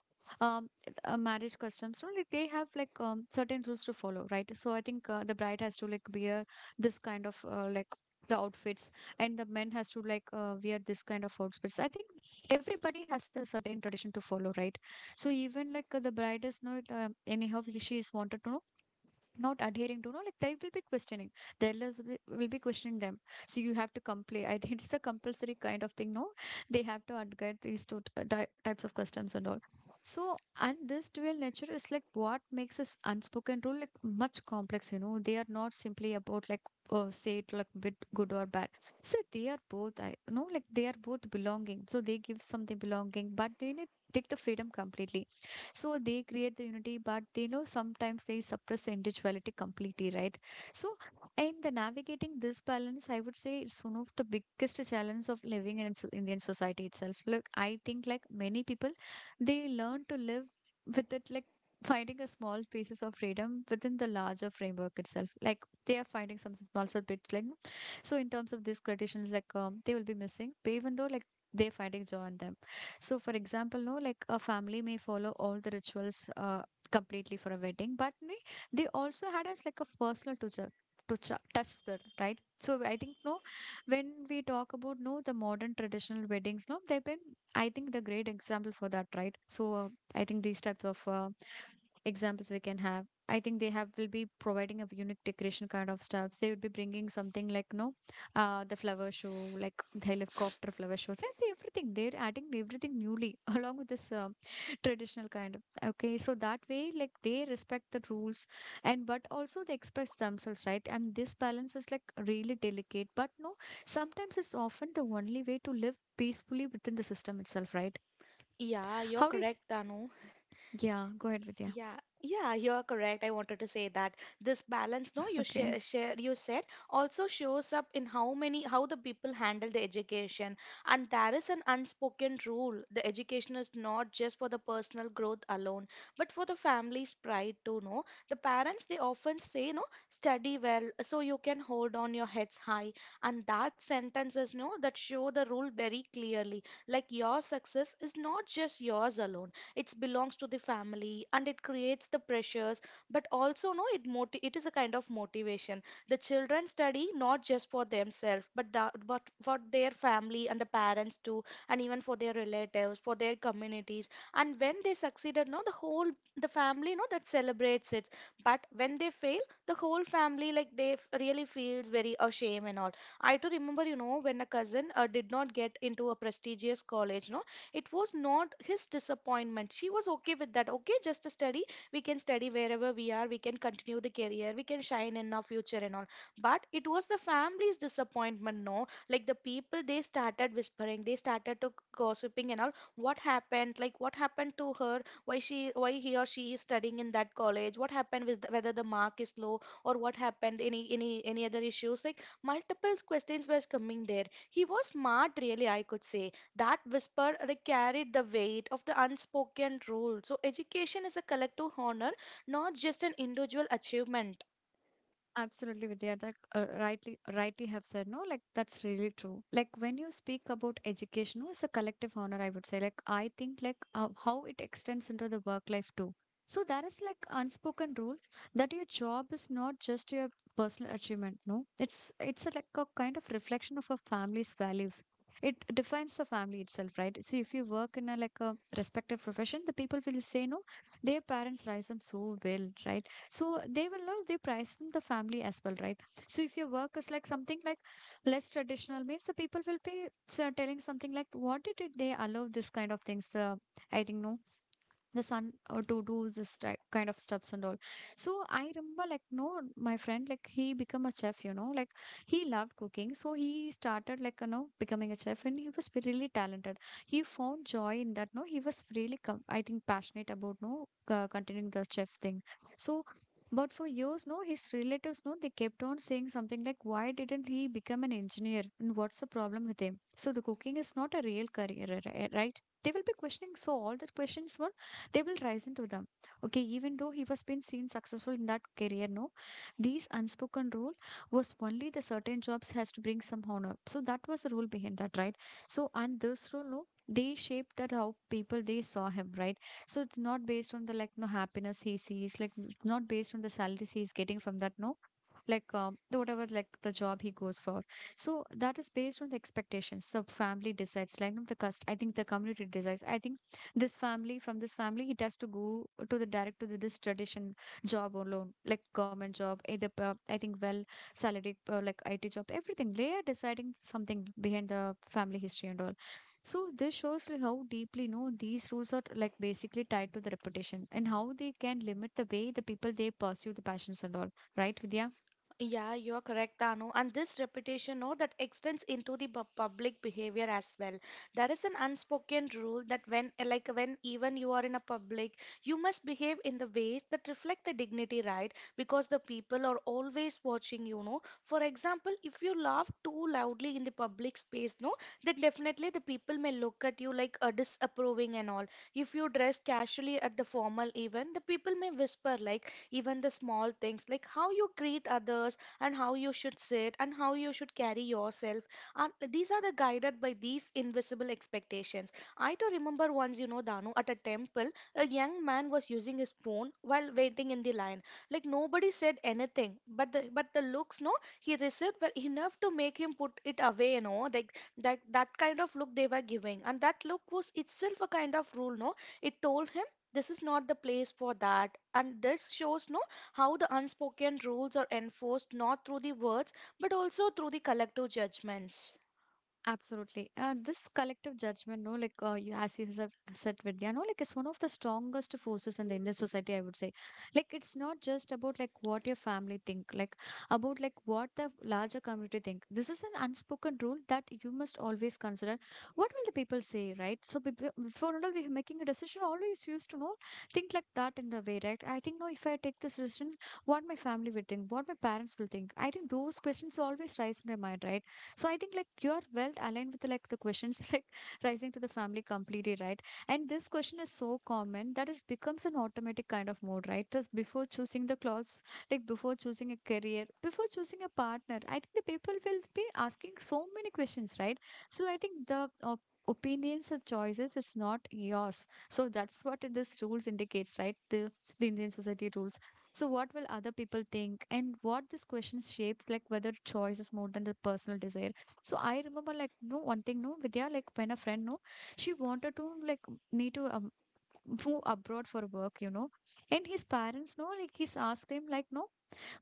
S1: um marriage customs, no, like they have like certain rules to follow, right? So I think the bride has to like wear this kind of like the outfits, and the men has to like wear this kind of outfits, I think everybody has a certain tradition to follow, right? So even like the bride is not anyhow she is wanted to know, not adhering to, no, like they will be questioning, the elders will be questioning them. So you have to comply, I think it's a compulsory kind of thing, no, they have to adhere these types of customs and all. So and this dual nature is like what makes this unspoken rule like much complex, you know, they are not simply about like say it like bit good or bad. So they are both, I know, like they are both belonging, so they give something belonging, but they need take the freedom completely. So they create the unity, but they know sometimes they suppress the individuality completely, right? So in the navigating this balance, I would say it's one of the biggest challenge of living in Indian society itself. Look, I think like many people, they learn to live with it, like finding a small pieces of freedom within the larger framework itself, like they are finding some small bits like. So in terms of these traditions like they will be missing, but even though like they're finding joy in them. So, for example, no, like a family may follow all the rituals completely for a wedding, but may, they also had us like a personal toucher. To touch the right, so I think no. When we talk about no, the modern traditional weddings, no, they've been I think the great example for that, right? So I think these types of examples we can have. I think they have will be providing a unique decoration kind of stuffs. They would be bringing something like no the flower show, like the helicopter flower shows, and the everything. They're adding everything newly along with this traditional kind of. Okay, so that way, like they respect the rules, and but also they express themselves, right? And this balance is like really delicate, but no, sometimes it's often the only way to live peacefully within the system itself, right?
S2: Yeah, you're
S1: How do you?
S2: correct, Anu.
S1: Yeah, go ahead with yeah.
S2: Yeah, yeah, you are correct. I wanted to say that this balance, no,
S1: Okay.
S2: you said, also shows up in how many, how the people handle the education. And there is an unspoken rule. The education is not just for the personal growth alone, but for the family's pride too, no. The parents, they often say, no, study well so you can hold on your heads high. And that sentences, no, that show the rule very clearly. Like your success is not just yours alone, it belongs to the family, and it creates the pressures. But also, no, it it is a kind of motivation. The children study not just for themselves but but for their family and the parents too, and even for their relatives, for their communities. And when they succeeded, no, the family, no, that celebrates it. But when they fail, the whole family, like they really feels very ashamed and all. I too remember, you know, when a cousin did not get into a prestigious college, no, it was not his disappointment. She was okay with that, okay, just a study, we can study wherever we are, we can continue the career, we can shine in our future and all. But it was the family's disappointment, no. Like the people, they started whispering, they started to gossiping and all, what happened, like what happened to her, why he or she is studying in that college, what happened with the, whether the mark is low or what happened, any other issues, like multiple questions was coming there. He was smart, really, I could say. That whisper carried the weight of the unspoken rule. So, education is a collective honor, not just an individual achievement.
S1: Absolutely, Vidya. That rightly, rightly have said. No, like that's really true. Like when you speak about education, no, it's a collective honor. I would say. Like I think, like how it extends into the work life too. So there is like unspoken rule that your job is not just your personal achievement. No, it's a, like a kind of reflection of a family's values. It defines the family itself, right? So if you work in a like a respected profession, the people will say no. Their parents raised them so well, right? So they will know they price in the family as well, right? So if your work is like something like less traditional means the people will be telling something like, what did it they allow this kind of things? The I think no the son to do this type, kind of stuffs and all. So I remember, like no, my friend, like he became a chef, you know, like he loved cooking, so he started, like you know, becoming a chef, and he was really talented. He found joy in that, no, he was really com- I think passionate about, no, continuing the chef thing. So but for years, no, his relatives, no, they kept on saying something like, why didn't he become an engineer and what's the problem with him? So the cooking is not a real career, right? They will be questioning, so all the questions were, they will rise into them. Okay, even though he was been seen successful in that career, no, these unspoken rule was only the certain jobs has to bring some honor, so that was the rule behind that, right? So and this rule, no, they shaped that how people they saw him, right? So it's not based on the, like no, happiness he sees, like not based on the salaries he's getting from that, no, like the whatever like the job he goes for. So that is based on the expectations the family decides, like no, the community decides, I think. This family, from this family, it has to go to the direct to the, this tradition job alone, like government job, either pro- I think well salary, like IT job, everything they are deciding something behind the family history and all. So this shows like how deeply, you know, these rules are like basically tied to the reputation and how they can limit the way the people they pursue the passions and all. Right, Vidya?
S2: Yeah, you're correct, Anu. And this reputation, no, that extends into the public behavior as well. There is an unspoken rule that when, like, when even you are in a public, you must behave in the ways that reflect the dignity, right? Because the people are always watching you, know. For example, if you laugh too loudly in the public space, no, then definitely the people may look at you like disapproving and all. If you dress casually at the formal event, the people may whisper like, even the small things like how you greet others and how you should sit and how you should carry yourself are the guided by these invisible expectations. I do remember once, you know, Danu, at a temple a young man was using his phone while waiting in the line. Like nobody said anything but the looks, no, he received were enough to make him put it away, you know, like that kind of look they were giving, and that look was itself a kind of rule, no. It told him this is not the place for that, and this shows, no, how the unspoken rules are enforced not through the words but also through the collective judgments.
S1: Absolutely. This collective judgment, no, like you, as you have said, Vidya, no, like it's one of the strongest forces in the Indian society, I would say. Like it's not just about like what your family think, like about like what the larger community think. This is an unspoken rule that you must always consider. What will the people say, right? So before and all we're making a decision, always used to know think like that in the way, right? I think no, if I take this decision, what my family will think, what my parents will think. I think those questions always rise in my mind, right? So I think like you are well aligned with like the questions like rising to the family completely, right? And this question is so common that it becomes an automatic kind of mode, right? Just before choosing the clothes, like before choosing a career, before choosing a partner, I think the people will be asking so many questions, right? So I think the opinions and choices it's not yours, so that's what this rules indicates, right? The Indian society rules. So what will other people think? And what this question shapes like whether choice is more than the personal desire. So I remember like no one thing no Vidya, like when a friend, no, she wanted to like me to move abroad for work, you know, and his parents, no, like he's asked him like no,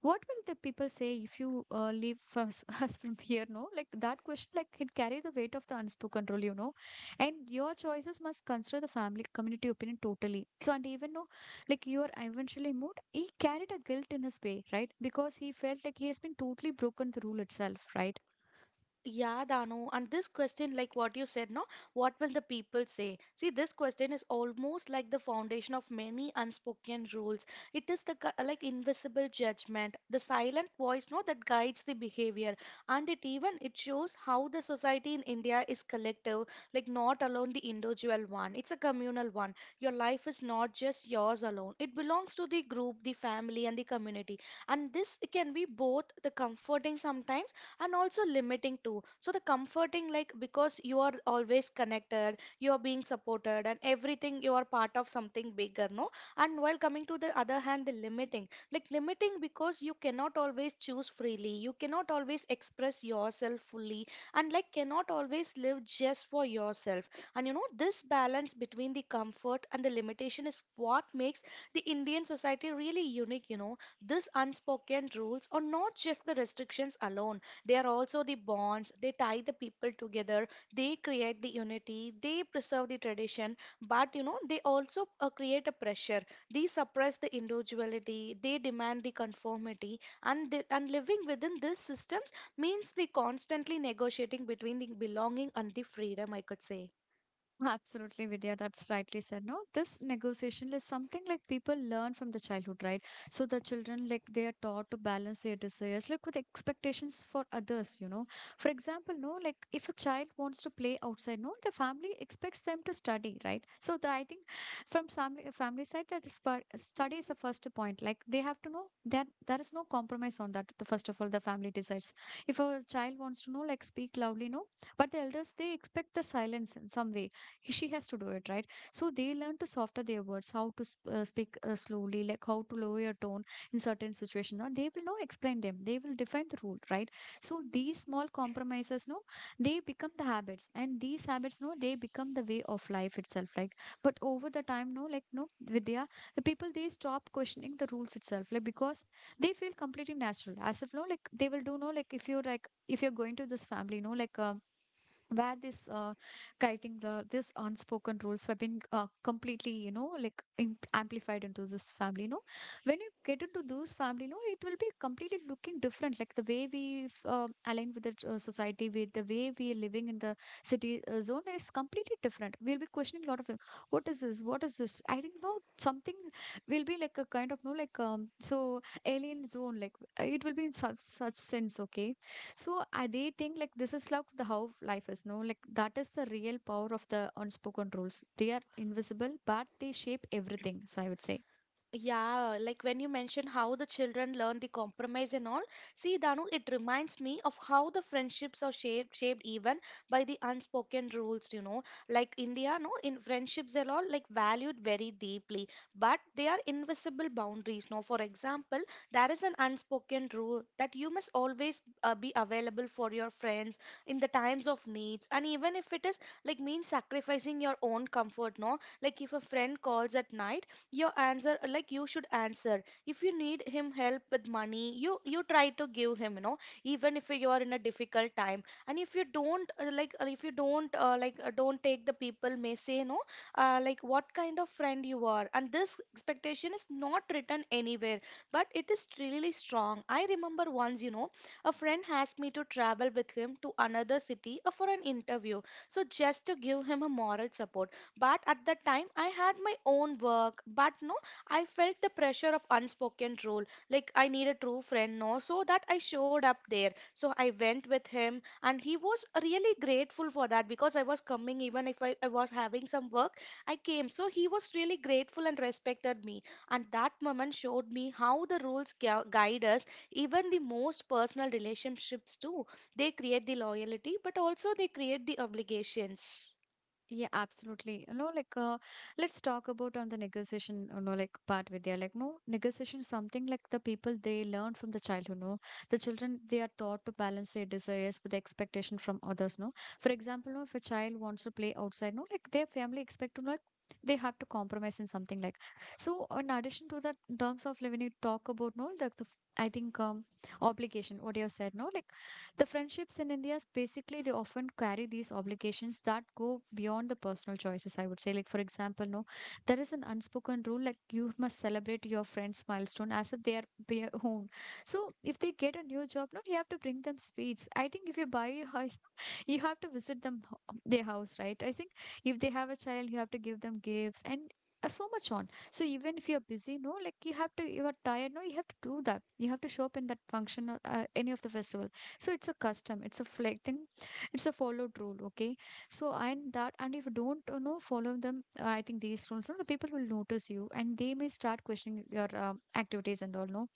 S1: what will the people say if you leave us, us from here, no, like that question, like it carry the weight of the unspoken role, you know. And your choices must consider the family community opinion totally. So and even though like you are eventually moved, he carried a guilt in his way, right? Because he felt like he has been totally broken the rule itself, right?
S2: Yeah, Dano, and this question, like what you said, no, what will the people say? See, this question is almost like the foundation of many unspoken rules. It is the like invisible judgment, the silent voice, no, that guides the behavior, and it even it shows how the society in India is collective, like not alone the individual one. It's a communal one. Your life is not just yours alone. It belongs to the group, the family, and the community, and this can be both the comforting sometimes and also limiting too. So the comforting like because you are always connected, you are being supported, and everything you are part of something bigger, no. And while coming to the other hand, the limiting, like limiting because you cannot always choose freely, you cannot always express yourself fully, and like cannot always live just for yourself. And you know this balance between the comfort and the limitation is what makes the Indian society really unique, you know. These unspoken rules are not just the restrictions alone. They are also the bonds, they tie the people together, they create the unity, they preserve the tradition, but you know, they also create a pressure. They suppress the individuality, they demand the conformity, and living within these systems means the constantly negotiating between the belonging and the freedom, I could say.
S1: Absolutely, Vidya. That's rightly said. No, this negotiation is something like people learn from the childhood, right? So the children, like they are taught to balance their desires, like with expectations for others, you know. For example, no, like if a child wants to play outside, no, the family expects them to study, right? So the, I think from family side, that is part, study is the first point. Like they have to know that there is no compromise on that. The first of all, the family decides. If a child wants to know, like speak loudly, no, but the elders they expect the silence in some way, she has to do it, right? So they learn to soften their words, how to speak slowly, like how to lower your tone in certain situations. Now they will now explain them, they will define the rule, right? So these small compromises, no, they become the habits, and these habits, no, they become the way of life itself, right? But over the time, no, like no Vidya, the people they stop questioning the rules itself, like because they feel completely natural, as if no, like they will do, no, like if you're like if you're going to this family, no, like where this kiting the this unspoken rules have been completely you know like amplified into this family, you know. When you get into those family, you know it will be completely looking different, like the way we align with the society, with the way we are living in the city zone is completely different. We'll be questioning a lot of things. What is this, what is this, I didn't know something, will be like a kind of no, like so alien zone, like it will be in such sense. Okay. So they think like this is like the how life is, no? Like that is the real power of the unspoken rules. They are invisible, but they shape everything. So I would say.
S2: Yeah, like when you mention how the children learn the compromise and all, see, Danu, it reminds me of how the friendships are shaped even by the unspoken rules, you know. Like India, no, in friendships, they're all like valued very deeply, but they are invisible boundaries. No, for example, there is an unspoken rule that you must always be available for your friends in the times of needs, and even if it is like means sacrificing your own comfort, no. Like if a friend calls at night, your answer like you should answer. If you need him help with money, you try to give him, you know, even if you are in a difficult time. And if you don't if you don't don't take, the people may say, no, like what kind of friend you are. And this expectation is not written anywhere but it is really strong. I remember once, you know, a friend asked me to travel with him to another city for an interview, so just to give him a moral support. But at that time I had my own work, but no, I felt the pressure of unspoken rule, like I need a true friend, no. So that I showed up there, so I went with him, and he was really grateful for that because I was coming even if I was having some work. I came, so he was really grateful and respected me. And that moment showed me how the rules guide us even the most personal relationships too. They create the loyalty but also they create the obligations.
S1: Yeah, absolutely. You know, like let's talk about on the negotiation, you know, like part with their, like no, negotiation is something like the people they learn from the child, you know. The children they are taught to balance their desires with the expectation from others, no. For example, no, if a child wants to play outside, no, like their family expect to like they have to compromise in something like. So in addition to that, in terms of like, when you talk about no, like the, I think obligation what you have said, no, like the friendships in India, basically, they often carry these obligations that go beyond the personal choices, I would say. Like, for example, no, there is an unspoken rule, like, you must celebrate your friend's milestone as if they are their own. So, if they get a new job, no, you have to bring them sweets. I think if you buy a house, you have to visit them, their house, right? I think if they have a child, you have to give them gifts, and so much on. So even if you're busy, no, like you have to, you are tired, no, you have to do that. You have to show up in that function or any of the festival. So it's a custom, it's a flag thing, it's a followed rule. Okay. So and that, and if you don't, you know, follow them, I think these rules, no, the people will notice you and they may start questioning your activities and all, no.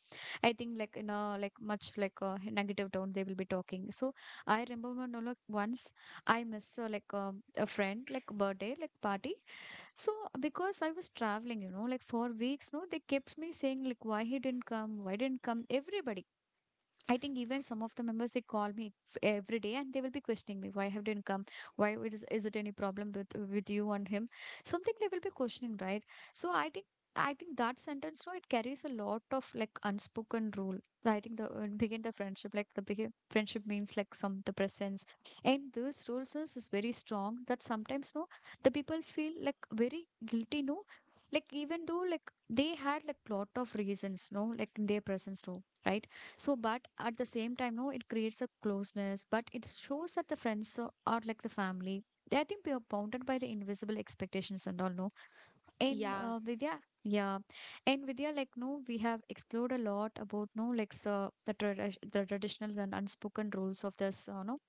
S1: I think like in a like much like a negative tone they will be talking. So I remember, no, like once I miss like a friend like birthday like party. So because I was traveling, you know, like for weeks, no, they kept me saying like, why he didn't come, why didn't come, everybody. I think even some of the members they call me every day and they will be questioning me, why have didn't come, why it is it any problem with you and him, something they will be questioning, right? So I think, I think that sentence, no, it carries a lot of like unspoken rule. I think the when begin the friendship, like the begin, friendship means like some the presence, and those rules is very strong that sometimes, no, the people feel like very guilty, no, like even though like they had like lot of reasons, no, like in their presence, no, right? So, but at the same time, no, it creates a closeness, but it shows that the friends, or like the family, they, I think, we are bounded by the invisible expectations and all, no. In
S2: Yeah,
S1: Vidya, yeah, in Vidya, like no, we have explored a lot about no, like so, the the traditional and unspoken rules of this, no,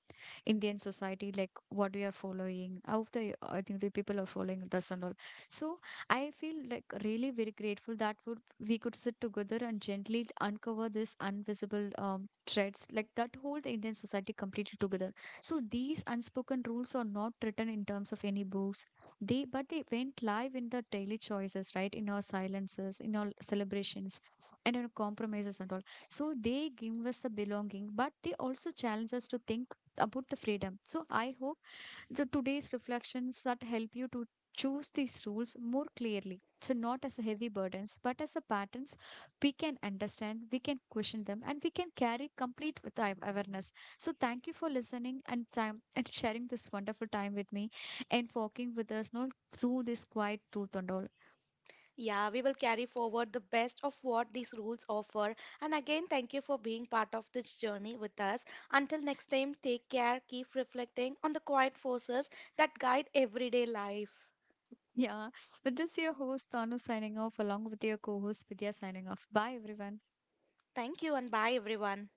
S1: Indian society, like what we are following, how the, I think the people are following this and all. So I feel like really very grateful that would we could sit together and gently uncover this invisible threads, like that whole the Indian society completely together. So these unspoken rules are not written in terms of any books. They, but they went live in the daily choices, right? In our silences, in our celebrations, and in our compromises and all. So they give us the belonging, but they also challenge us to think about the freedom. So I hope the today's reflections that help you to choose these rules more clearly. So not as a heavy burdens, but as a patterns we can understand, we can question them, and we can carry complete with our awareness. So thank you for listening and time and sharing this wonderful time with me and walking with us not through this quiet truth and all.
S2: Yeah, we will carry forward the best of what these rules offer. And again, thank you for being part of this journey with us. Until next time, take care, keep reflecting on the quiet forces that guide everyday life.
S1: Yeah. But this is your host Tanu signing off along with your co-host Vidya signing off. Bye everyone.
S2: Thank you and bye, everyone.